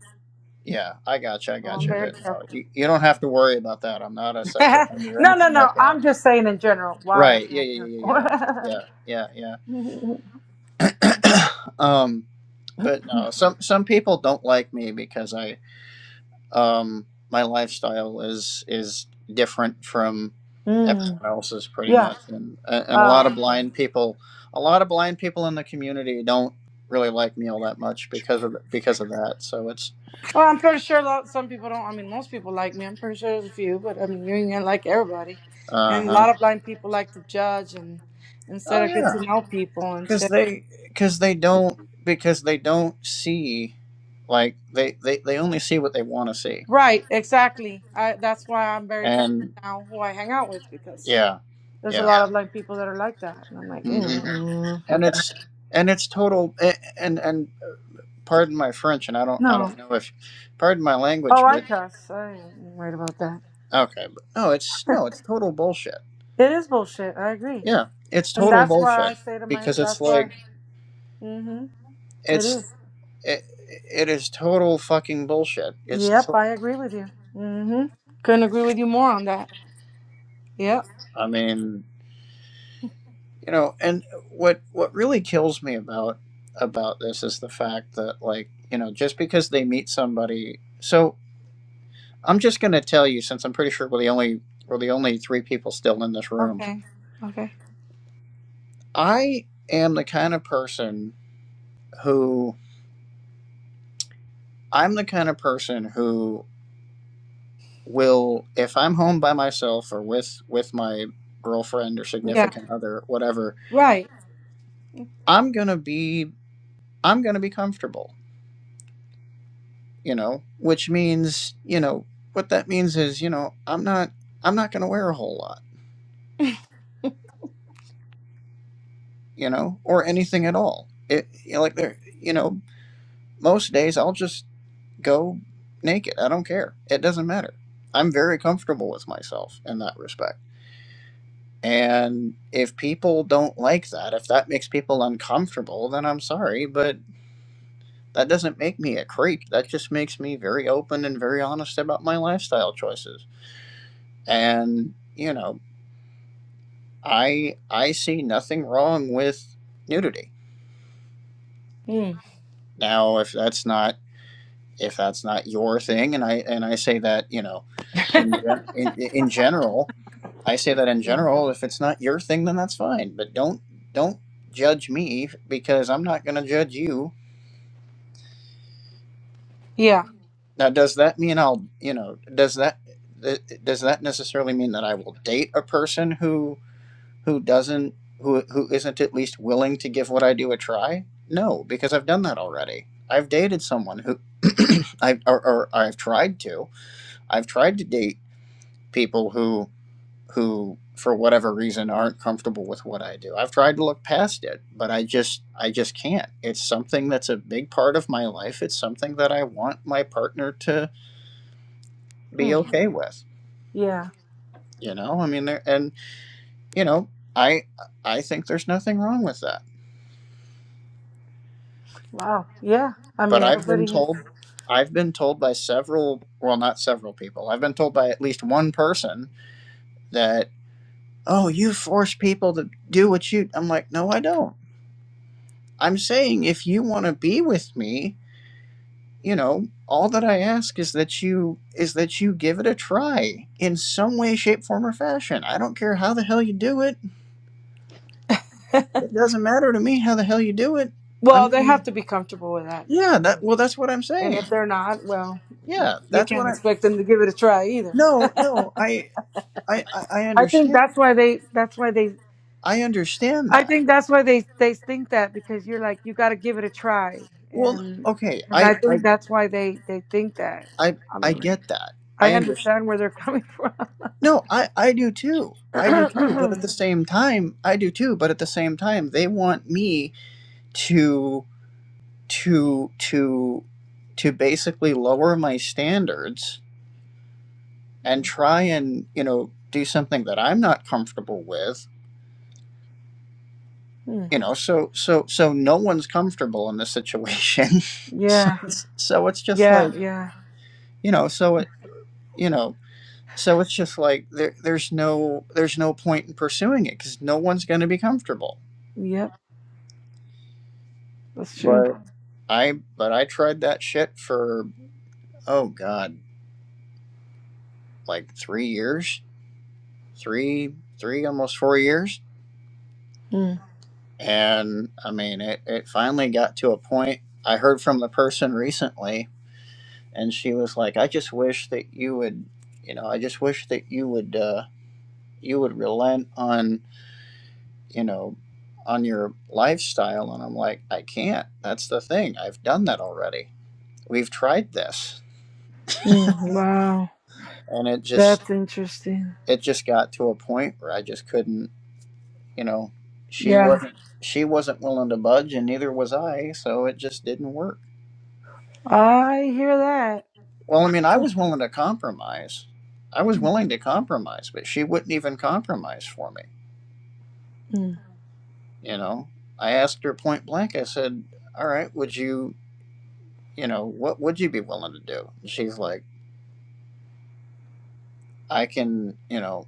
[SPEAKER 5] yeah. I got you. I
[SPEAKER 1] So
[SPEAKER 5] got
[SPEAKER 1] I'm
[SPEAKER 5] you.
[SPEAKER 1] very
[SPEAKER 5] But no,
[SPEAKER 1] careful.
[SPEAKER 5] you, you don't have to worry about that. I'm not a
[SPEAKER 1] [LAUGHS]
[SPEAKER 5] sex offender or
[SPEAKER 1] no, no,
[SPEAKER 5] anything
[SPEAKER 1] no.
[SPEAKER 5] like that.
[SPEAKER 1] I'm just saying in general why I'm
[SPEAKER 5] Right? Yeah,
[SPEAKER 1] very
[SPEAKER 5] yeah,
[SPEAKER 1] careful.
[SPEAKER 5] yeah, yeah, yeah, yeah,
[SPEAKER 1] [LAUGHS]
[SPEAKER 5] yeah. [CLEARS THROAT] um, but no, some some people don't like me because I um my lifestyle is is different from
[SPEAKER 1] mm,
[SPEAKER 5] everyone else's pretty
[SPEAKER 1] yeah.
[SPEAKER 5] much, and and a lot of
[SPEAKER 1] Oh, okay.
[SPEAKER 5] blind people, a lot of blind people in the community don't really like me all that much because of because of that. So it's
[SPEAKER 1] Well, I'm pretty sure that some people don't. I mean, most people like me. I'm pretty sure there's a few, but I mean, you ain't like everybody.
[SPEAKER 5] uh
[SPEAKER 1] And a
[SPEAKER 5] huh.
[SPEAKER 1] lot of blind people like to judge, and instead
[SPEAKER 5] Oh
[SPEAKER 1] of get
[SPEAKER 5] yeah,
[SPEAKER 1] to know people,
[SPEAKER 5] because
[SPEAKER 1] instead.
[SPEAKER 5] they because they don't because they don't see like they they they only see what they want to see,
[SPEAKER 1] Right, exactly. I that's why I'm very careful
[SPEAKER 5] and
[SPEAKER 1] now who I hang out with because
[SPEAKER 5] yeah,
[SPEAKER 1] there's a
[SPEAKER 5] yeah,
[SPEAKER 1] lot of blind people that are like that, and I'm like,
[SPEAKER 5] hmm
[SPEAKER 1] mm,
[SPEAKER 5] and
[SPEAKER 1] okay.
[SPEAKER 5] it's and it's total a- and and pardon my French, and I don't I
[SPEAKER 1] no.
[SPEAKER 5] don't know if pardon my
[SPEAKER 1] Oh,
[SPEAKER 5] language,
[SPEAKER 1] I
[SPEAKER 5] but
[SPEAKER 1] cuss. I am right about that.
[SPEAKER 5] okay, but no, it's no, it's total bullshit.
[SPEAKER 1] It is bullshit. I agree,
[SPEAKER 5] Yeah, it's
[SPEAKER 1] and
[SPEAKER 5] total
[SPEAKER 1] that's why
[SPEAKER 5] bullshit
[SPEAKER 1] I say to my.
[SPEAKER 5] because it's
[SPEAKER 1] That's why.
[SPEAKER 5] like
[SPEAKER 1] Mm-hmm. It
[SPEAKER 5] it's
[SPEAKER 1] is.
[SPEAKER 5] it, it is total fucking bullshit. It's
[SPEAKER 1] Yep,
[SPEAKER 5] to-
[SPEAKER 1] I agree with you. Mm-hmm. Couldn't agree with you more on that. Yep.
[SPEAKER 5] I mean, you know, and what what really kills me about about this is the fact that like, you know, just because they meet somebody, so I'm just going to tell you since I'm pretty sure we're the only we're the only three people still in this room.
[SPEAKER 1] Okay. Okay.
[SPEAKER 5] I am the kind of person who I'm the kind of person who will if I'm home by myself or with with my girlfriend or
[SPEAKER 1] Yeah.
[SPEAKER 5] significant other, whatever,
[SPEAKER 1] Right.
[SPEAKER 5] I'm gonna be I'm gonna be comfortable, you know, which means, you know, what that means is, you know, I'm not I'm not gonna wear a whole lot, you know, or anything at all. It you know, like there you know, most days I'll just go naked. I don't care. It doesn't matter. I'm very comfortable with myself in that respect And if people don't like that, if that makes people uncomfortable, then I'm sorry, but that doesn't make me a creep. That just makes me very open and very honest about my lifestyle choices. And, you know, I I see nothing wrong with nudity.
[SPEAKER 1] Mm.
[SPEAKER 5] Now, if that's not if that's not your thing and I and I say that, you know, in gen- in, in general, I say that in
[SPEAKER 1] Yeah.
[SPEAKER 5] general, if it's not your thing then that's fine, but don't don't judge me because I'm not going to judge you
[SPEAKER 1] Yeah.
[SPEAKER 5] Now, does that mean I'll, you know, does that th- does that necessarily mean that I will date a person who who doesn't who who isn't at least willing to give what I do a try? No, because I've done that already. I've dated someone who [CLEARS THROAT] I or, or I've tried to. I've tried to date people who who for whatever reason aren't comfortable with what I do. I've tried to look past it, but I just I just can't. It's something that's a big part of my life. It's something that I want my partner to be
[SPEAKER 1] Hmm.
[SPEAKER 5] okay with
[SPEAKER 1] Yeah.
[SPEAKER 5] you know i mean there and you know i i think there's nothing wrong with that
[SPEAKER 1] Wow. Yeah. I
[SPEAKER 5] but
[SPEAKER 1] mean,
[SPEAKER 5] i've been
[SPEAKER 1] everybody has.
[SPEAKER 5] told i've been told by several well not several people i've been told by at least one person that oh you force people to do what you i'm like no i don't i'm saying if you want to be with me you know all that i ask is that you is that you give it a try in some way shape form or fashion i don't care how the hell you do it it doesn't matter to me how the hell you do it i
[SPEAKER 1] Well, they
[SPEAKER 5] mean
[SPEAKER 1] have to be comfortable with that.
[SPEAKER 5] Yeah, that
[SPEAKER 1] Mm.
[SPEAKER 5] well, that's what I'm
[SPEAKER 1] And
[SPEAKER 5] saying.
[SPEAKER 1] if they're not, well,
[SPEAKER 5] Yeah,
[SPEAKER 1] you
[SPEAKER 5] that's what
[SPEAKER 1] can't
[SPEAKER 5] I.
[SPEAKER 1] expect them to give it a try either.
[SPEAKER 5] No, no, I, I, I I
[SPEAKER 1] I think that's
[SPEAKER 5] understand.
[SPEAKER 1] why they. That's why they.
[SPEAKER 5] I understand
[SPEAKER 1] I
[SPEAKER 5] that.
[SPEAKER 1] think that's why they they think that because you're like you got to give it a try,
[SPEAKER 5] Well,
[SPEAKER 1] and
[SPEAKER 5] okay,
[SPEAKER 1] and
[SPEAKER 5] I,
[SPEAKER 1] I
[SPEAKER 5] I,
[SPEAKER 1] think that's why they they think that.
[SPEAKER 5] I,
[SPEAKER 1] I
[SPEAKER 5] I
[SPEAKER 1] mean.
[SPEAKER 5] get that.
[SPEAKER 1] I
[SPEAKER 5] I understand.
[SPEAKER 1] understand where they're coming [LAUGHS] from.
[SPEAKER 5] No, I, I do too. I do too. But at the same time, I do too. But at the same time, they want me to, to, to, to basically lower my standards and
[SPEAKER 1] [CLEARS THROAT]
[SPEAKER 5] try and you know do something that I'm not comfortable with
[SPEAKER 1] Hmm.
[SPEAKER 5] you know so so so no one's comfortable in this situation [LAUGHS] so,
[SPEAKER 1] yeah,
[SPEAKER 5] so it's just
[SPEAKER 1] yeah,
[SPEAKER 5] like
[SPEAKER 1] yeah.
[SPEAKER 5] you know so it you know so it's just like there, there's no there's no point in pursuing it because no one's going to be comfortable
[SPEAKER 1] Yep, that's true.
[SPEAKER 5] but i but i tried that shit for oh god like three years three three almost four years
[SPEAKER 1] Hmm.
[SPEAKER 5] and i mean it, it finally got to a point i heard from the person recently and she was like, "I just wish that you would, you know, I just wish that you would, uh, you would relent on, you know, on your lifestyle." And I'm like, "I can't. That's the thing. I've done that already. We've tried this,
[SPEAKER 1] Hmm. Wow,
[SPEAKER 5] and it just,
[SPEAKER 1] that's interesting.
[SPEAKER 5] it just got to a point where I just couldn't, you know." She
[SPEAKER 1] Yeah,
[SPEAKER 5] wasn't, she wasn't willing to budge, and neither was I. So it just didn't work.
[SPEAKER 1] I hear that.
[SPEAKER 5] Well, I mean, I was willing to compromise. I was willing to compromise, but she wouldn't even compromise for me
[SPEAKER 1] Hmm.
[SPEAKER 5] You know, I asked her point blank. I said, "All right, would you, you know, what would you be willing to do?" And she's like, "I can, you know,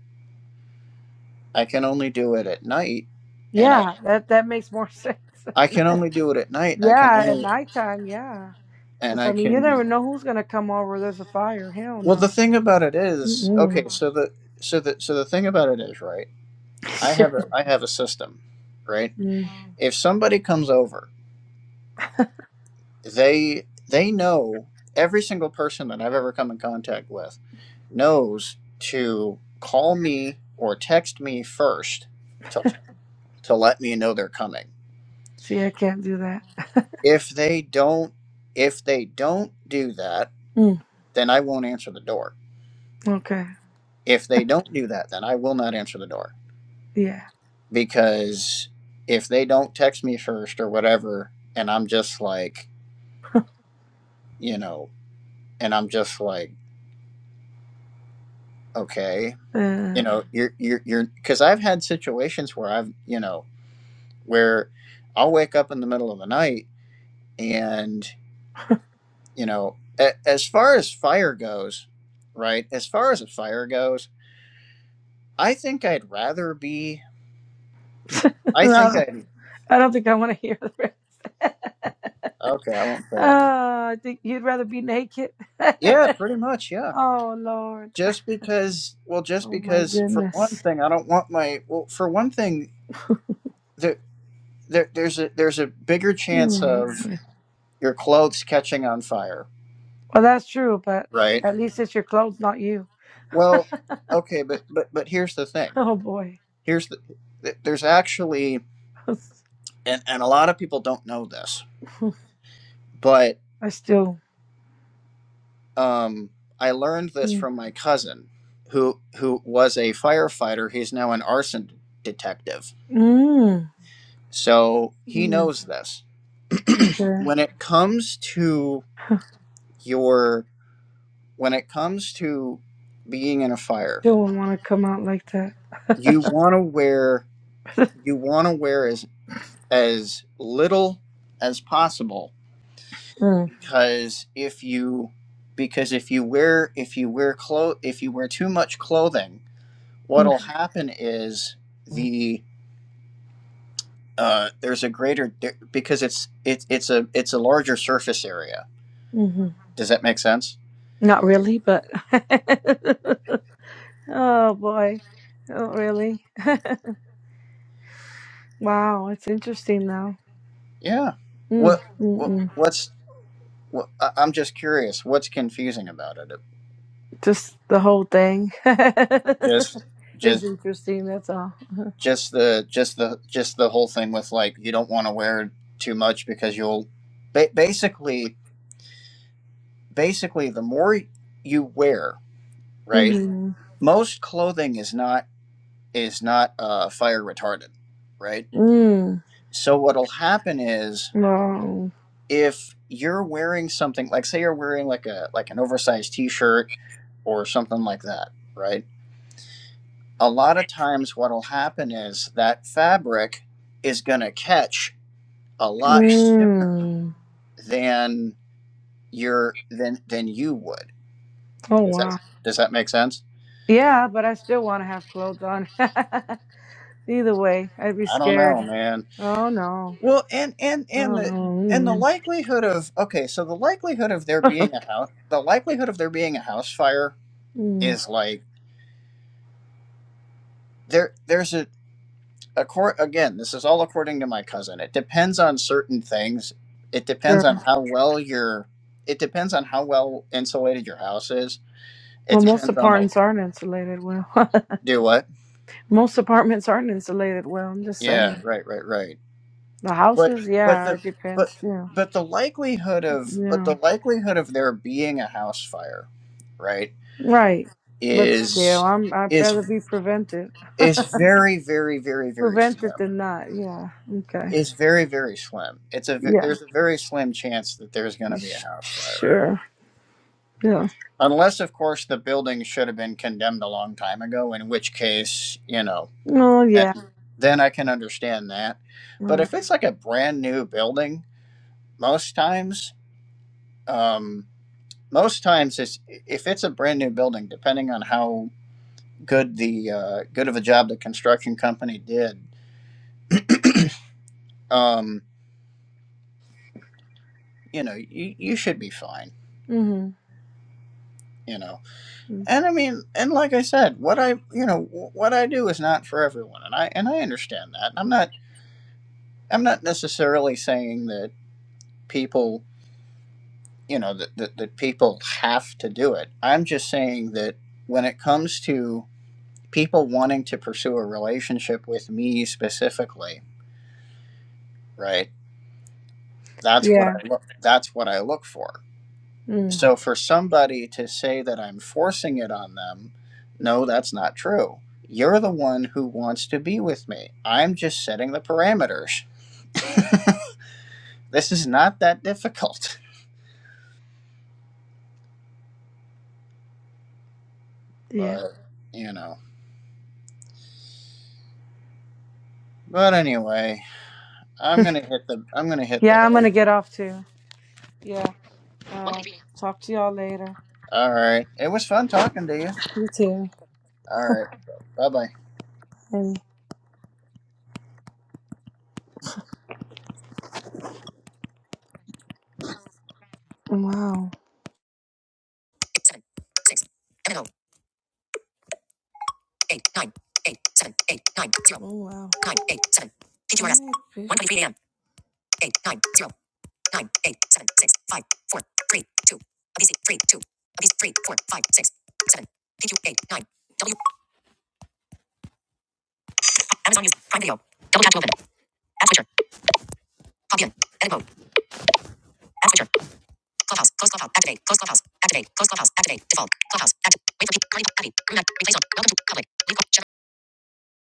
[SPEAKER 5] I can only do it at night, and I
[SPEAKER 1] Yeah, that that makes more [LAUGHS] sense.
[SPEAKER 5] I can only do it at night. I can
[SPEAKER 1] yeah, at
[SPEAKER 5] only
[SPEAKER 1] nighttime. Yeah,
[SPEAKER 5] and
[SPEAKER 1] because I
[SPEAKER 5] I
[SPEAKER 1] mean, you
[SPEAKER 5] can."
[SPEAKER 1] never know who's gonna come over. There's a fire. Hell
[SPEAKER 5] Well, the
[SPEAKER 1] no.
[SPEAKER 5] thing about it is, okay,
[SPEAKER 1] Mm-mm.
[SPEAKER 5] so the so the so the thing about it is, right? I have
[SPEAKER 1] [LAUGHS]
[SPEAKER 5] a I have a system, right?
[SPEAKER 1] Mm.
[SPEAKER 5] If somebody comes over they they know every single person that I've ever come in contact with knows to call me or text me first to to let me know they're coming.
[SPEAKER 1] See, I can't do that. [LAUGHS]
[SPEAKER 5] If they don't if they don't do that,
[SPEAKER 1] Mm.
[SPEAKER 5] then I won't answer the door.
[SPEAKER 1] Okay.
[SPEAKER 5] If they don't do that, then I will not answer the door
[SPEAKER 1] Yeah.
[SPEAKER 5] because if they don't text me first or whatever and I'm just like, you know, and I'm just like okay
[SPEAKER 1] Uh,
[SPEAKER 5] you know you're you're you're because i've had situations where i've you know where i'll wake up in the middle of the night and you know a, as far as fire goes right as far as a fire goes i think i'd rather be
[SPEAKER 1] [LAUGHS] I
[SPEAKER 5] i think
[SPEAKER 1] don't
[SPEAKER 5] i'd
[SPEAKER 1] I don't think I want to hear that.
[SPEAKER 5] okay i won't say it
[SPEAKER 1] Ah, I think you'd rather be naked.
[SPEAKER 5] yeah pretty much yeah
[SPEAKER 1] [LAUGHS] oh Lord.
[SPEAKER 5] just because well just
[SPEAKER 1] Oh my
[SPEAKER 5] because for one
[SPEAKER 1] goodness.
[SPEAKER 5] thing i don't want my well for one thing there, there there's a there's a bigger chance
[SPEAKER 1] Hmm.
[SPEAKER 5] of your clothes catching on fire
[SPEAKER 1] Well, that's true, but
[SPEAKER 5] right
[SPEAKER 1] at least it's your clothes, not you. [LAUGHS]
[SPEAKER 5] Well, okay, but but but here's the thing.
[SPEAKER 1] Oh boy.
[SPEAKER 5] Here's the th- there's actually
[SPEAKER 1] [LAUGHS] I
[SPEAKER 5] and and a lot of people don't know this, but
[SPEAKER 1] still.
[SPEAKER 5] um I learned this
[SPEAKER 1] Mm.
[SPEAKER 5] from my cousin who who was a firefighter. He's now an arson detective.
[SPEAKER 1] Mm.
[SPEAKER 5] So he
[SPEAKER 1] Mm.
[SPEAKER 5] knows this.
[SPEAKER 1] Okay.
[SPEAKER 5] When it comes to your when it comes to being in a fire,
[SPEAKER 1] Still wouldn't want to come out like that.
[SPEAKER 5] you want to wear you want to wear as as little as possible
[SPEAKER 1] Mm.
[SPEAKER 5] because if you because if you wear if you wear clo- if you wear too much clothing
[SPEAKER 1] Mm.
[SPEAKER 5] what'll happen is the uh, there's a greater there- because it's it's it's a it's a larger surface area
[SPEAKER 1] hmm
[SPEAKER 5] does that make sense
[SPEAKER 1] Not really, but. [LAUGHS] oh boy. Not really. Wow, it's interesting now.
[SPEAKER 5] yeah what what
[SPEAKER 1] Mm.
[SPEAKER 5] what's what, I- i'm just curious what's confusing about it
[SPEAKER 1] Just the whole thing
[SPEAKER 5] just
[SPEAKER 1] [LAUGHS] is
[SPEAKER 5] just
[SPEAKER 1] interesting. That's all.
[SPEAKER 5] just the just the just the whole thing with like you don't want to wear too much because you'll ba- basically basically the more you wear right
[SPEAKER 1] Mm.
[SPEAKER 5] most clothing is not is not uh, fire retardant right
[SPEAKER 1] Mm.
[SPEAKER 5] so what'll happen is
[SPEAKER 1] Wow.
[SPEAKER 5] if you're wearing something like say you're wearing like a like an oversized t-shirt or something like that right a lot of times what'll happen is that fabric is going to catch a lot sooner
[SPEAKER 1] Mm.
[SPEAKER 5] than your than than you would
[SPEAKER 1] Oh
[SPEAKER 5] does that
[SPEAKER 1] wow.
[SPEAKER 5] does that make sense
[SPEAKER 1] Yeah, but I still want to have clothes on. [LAUGHS] Either way, I'd be
[SPEAKER 5] I don't know,
[SPEAKER 1] scared.
[SPEAKER 5] man.
[SPEAKER 1] Oh no.
[SPEAKER 5] Well, and and and
[SPEAKER 1] Oh
[SPEAKER 5] the and the
[SPEAKER 1] no. Mm.
[SPEAKER 5] likelihood of okay, so the likelihood of there
[SPEAKER 1] [LAUGHS]
[SPEAKER 5] being a house, the likelihood of there being a house fire
[SPEAKER 1] Mm.
[SPEAKER 5] is like there. There's a a accord again. This is all according to my cousin. It depends on certain things. It
[SPEAKER 1] Sure.
[SPEAKER 5] depends on how well your. It depends on how well insulated your house is. It
[SPEAKER 1] Well, most
[SPEAKER 5] depends on the
[SPEAKER 1] apartments aren't insulated well. [LAUGHS]
[SPEAKER 5] do what.
[SPEAKER 1] most apartments aren't insulated well. I'm just saying.
[SPEAKER 5] Yeah, right, right, right.
[SPEAKER 1] The
[SPEAKER 5] But
[SPEAKER 1] houses,
[SPEAKER 5] but
[SPEAKER 1] yeah,
[SPEAKER 5] the
[SPEAKER 1] it
[SPEAKER 5] but
[SPEAKER 1] depends. Yeah.
[SPEAKER 5] but the likelihood of but
[SPEAKER 1] Yeah.
[SPEAKER 5] the likelihood of there being a house fire right
[SPEAKER 1] Right. But still,
[SPEAKER 5] is
[SPEAKER 1] I'm I'd
[SPEAKER 5] is
[SPEAKER 1] rather be prevented.
[SPEAKER 5] is very very very very
[SPEAKER 1] Prevented
[SPEAKER 5] slim
[SPEAKER 1] than not. Yeah. Okay.
[SPEAKER 5] is very very slim it's a ve-
[SPEAKER 1] Yeah.
[SPEAKER 5] there's a very slim chance that there's going to be a
[SPEAKER 1] Sh-
[SPEAKER 5] house fire
[SPEAKER 1] Sure. Yeah.
[SPEAKER 5] unless of course the building should have been condemned a long time ago in which case you know
[SPEAKER 1] Oh
[SPEAKER 5] and
[SPEAKER 1] yeah.
[SPEAKER 5] then then i can understand that but
[SPEAKER 1] Right.
[SPEAKER 5] if it's like a brand new building most times um most times it's if it's a brand new building depending on how good the uh, good of a job the construction company did um, you know you, you should be fine
[SPEAKER 1] Mhm.
[SPEAKER 5] you know
[SPEAKER 1] Mm.
[SPEAKER 5] and i mean and like i said what i you know what i do is not for everyone and i and i understand that And i'm not i'm not necessarily saying that people you know that, that, that people have to do it i'm just saying that when it comes to people wanting to pursue a relationship with me specifically right That's what
[SPEAKER 1] Yeah.
[SPEAKER 5] I look that's what I look for.
[SPEAKER 1] Mm.
[SPEAKER 5] So for somebody to say that I'm forcing it on them, no, that's not true. You're the one who wants to be with me. I'm just setting the parameters. This is not that difficult. [LAUGHS]
[SPEAKER 1] Yeah.
[SPEAKER 5] But you know. But anyway, I'm gonna hit the I'm gonna hit the
[SPEAKER 1] Yeah. I'm
[SPEAKER 5] hay.
[SPEAKER 1] gonna get off too. Yeah. Uh, talk to y'all later.
[SPEAKER 5] All right. It was fun talking to you.
[SPEAKER 1] You too.
[SPEAKER 5] All right. Bye bye.
[SPEAKER 1] Hey. Wow. Oh wow. Alright, bitch. eight nine zero nine eight seven six five four three two ABC three two ABC three four five six seven PQ eight nine W Amazon Music Prime Video double tap to open app switcher pop in edit mode app switcher clubhouse close clubhouse activate close clubhouse activate close clubhouse activate default clubhouse activate wait for people curly Abby green replace on welcome to public Leave. Shut.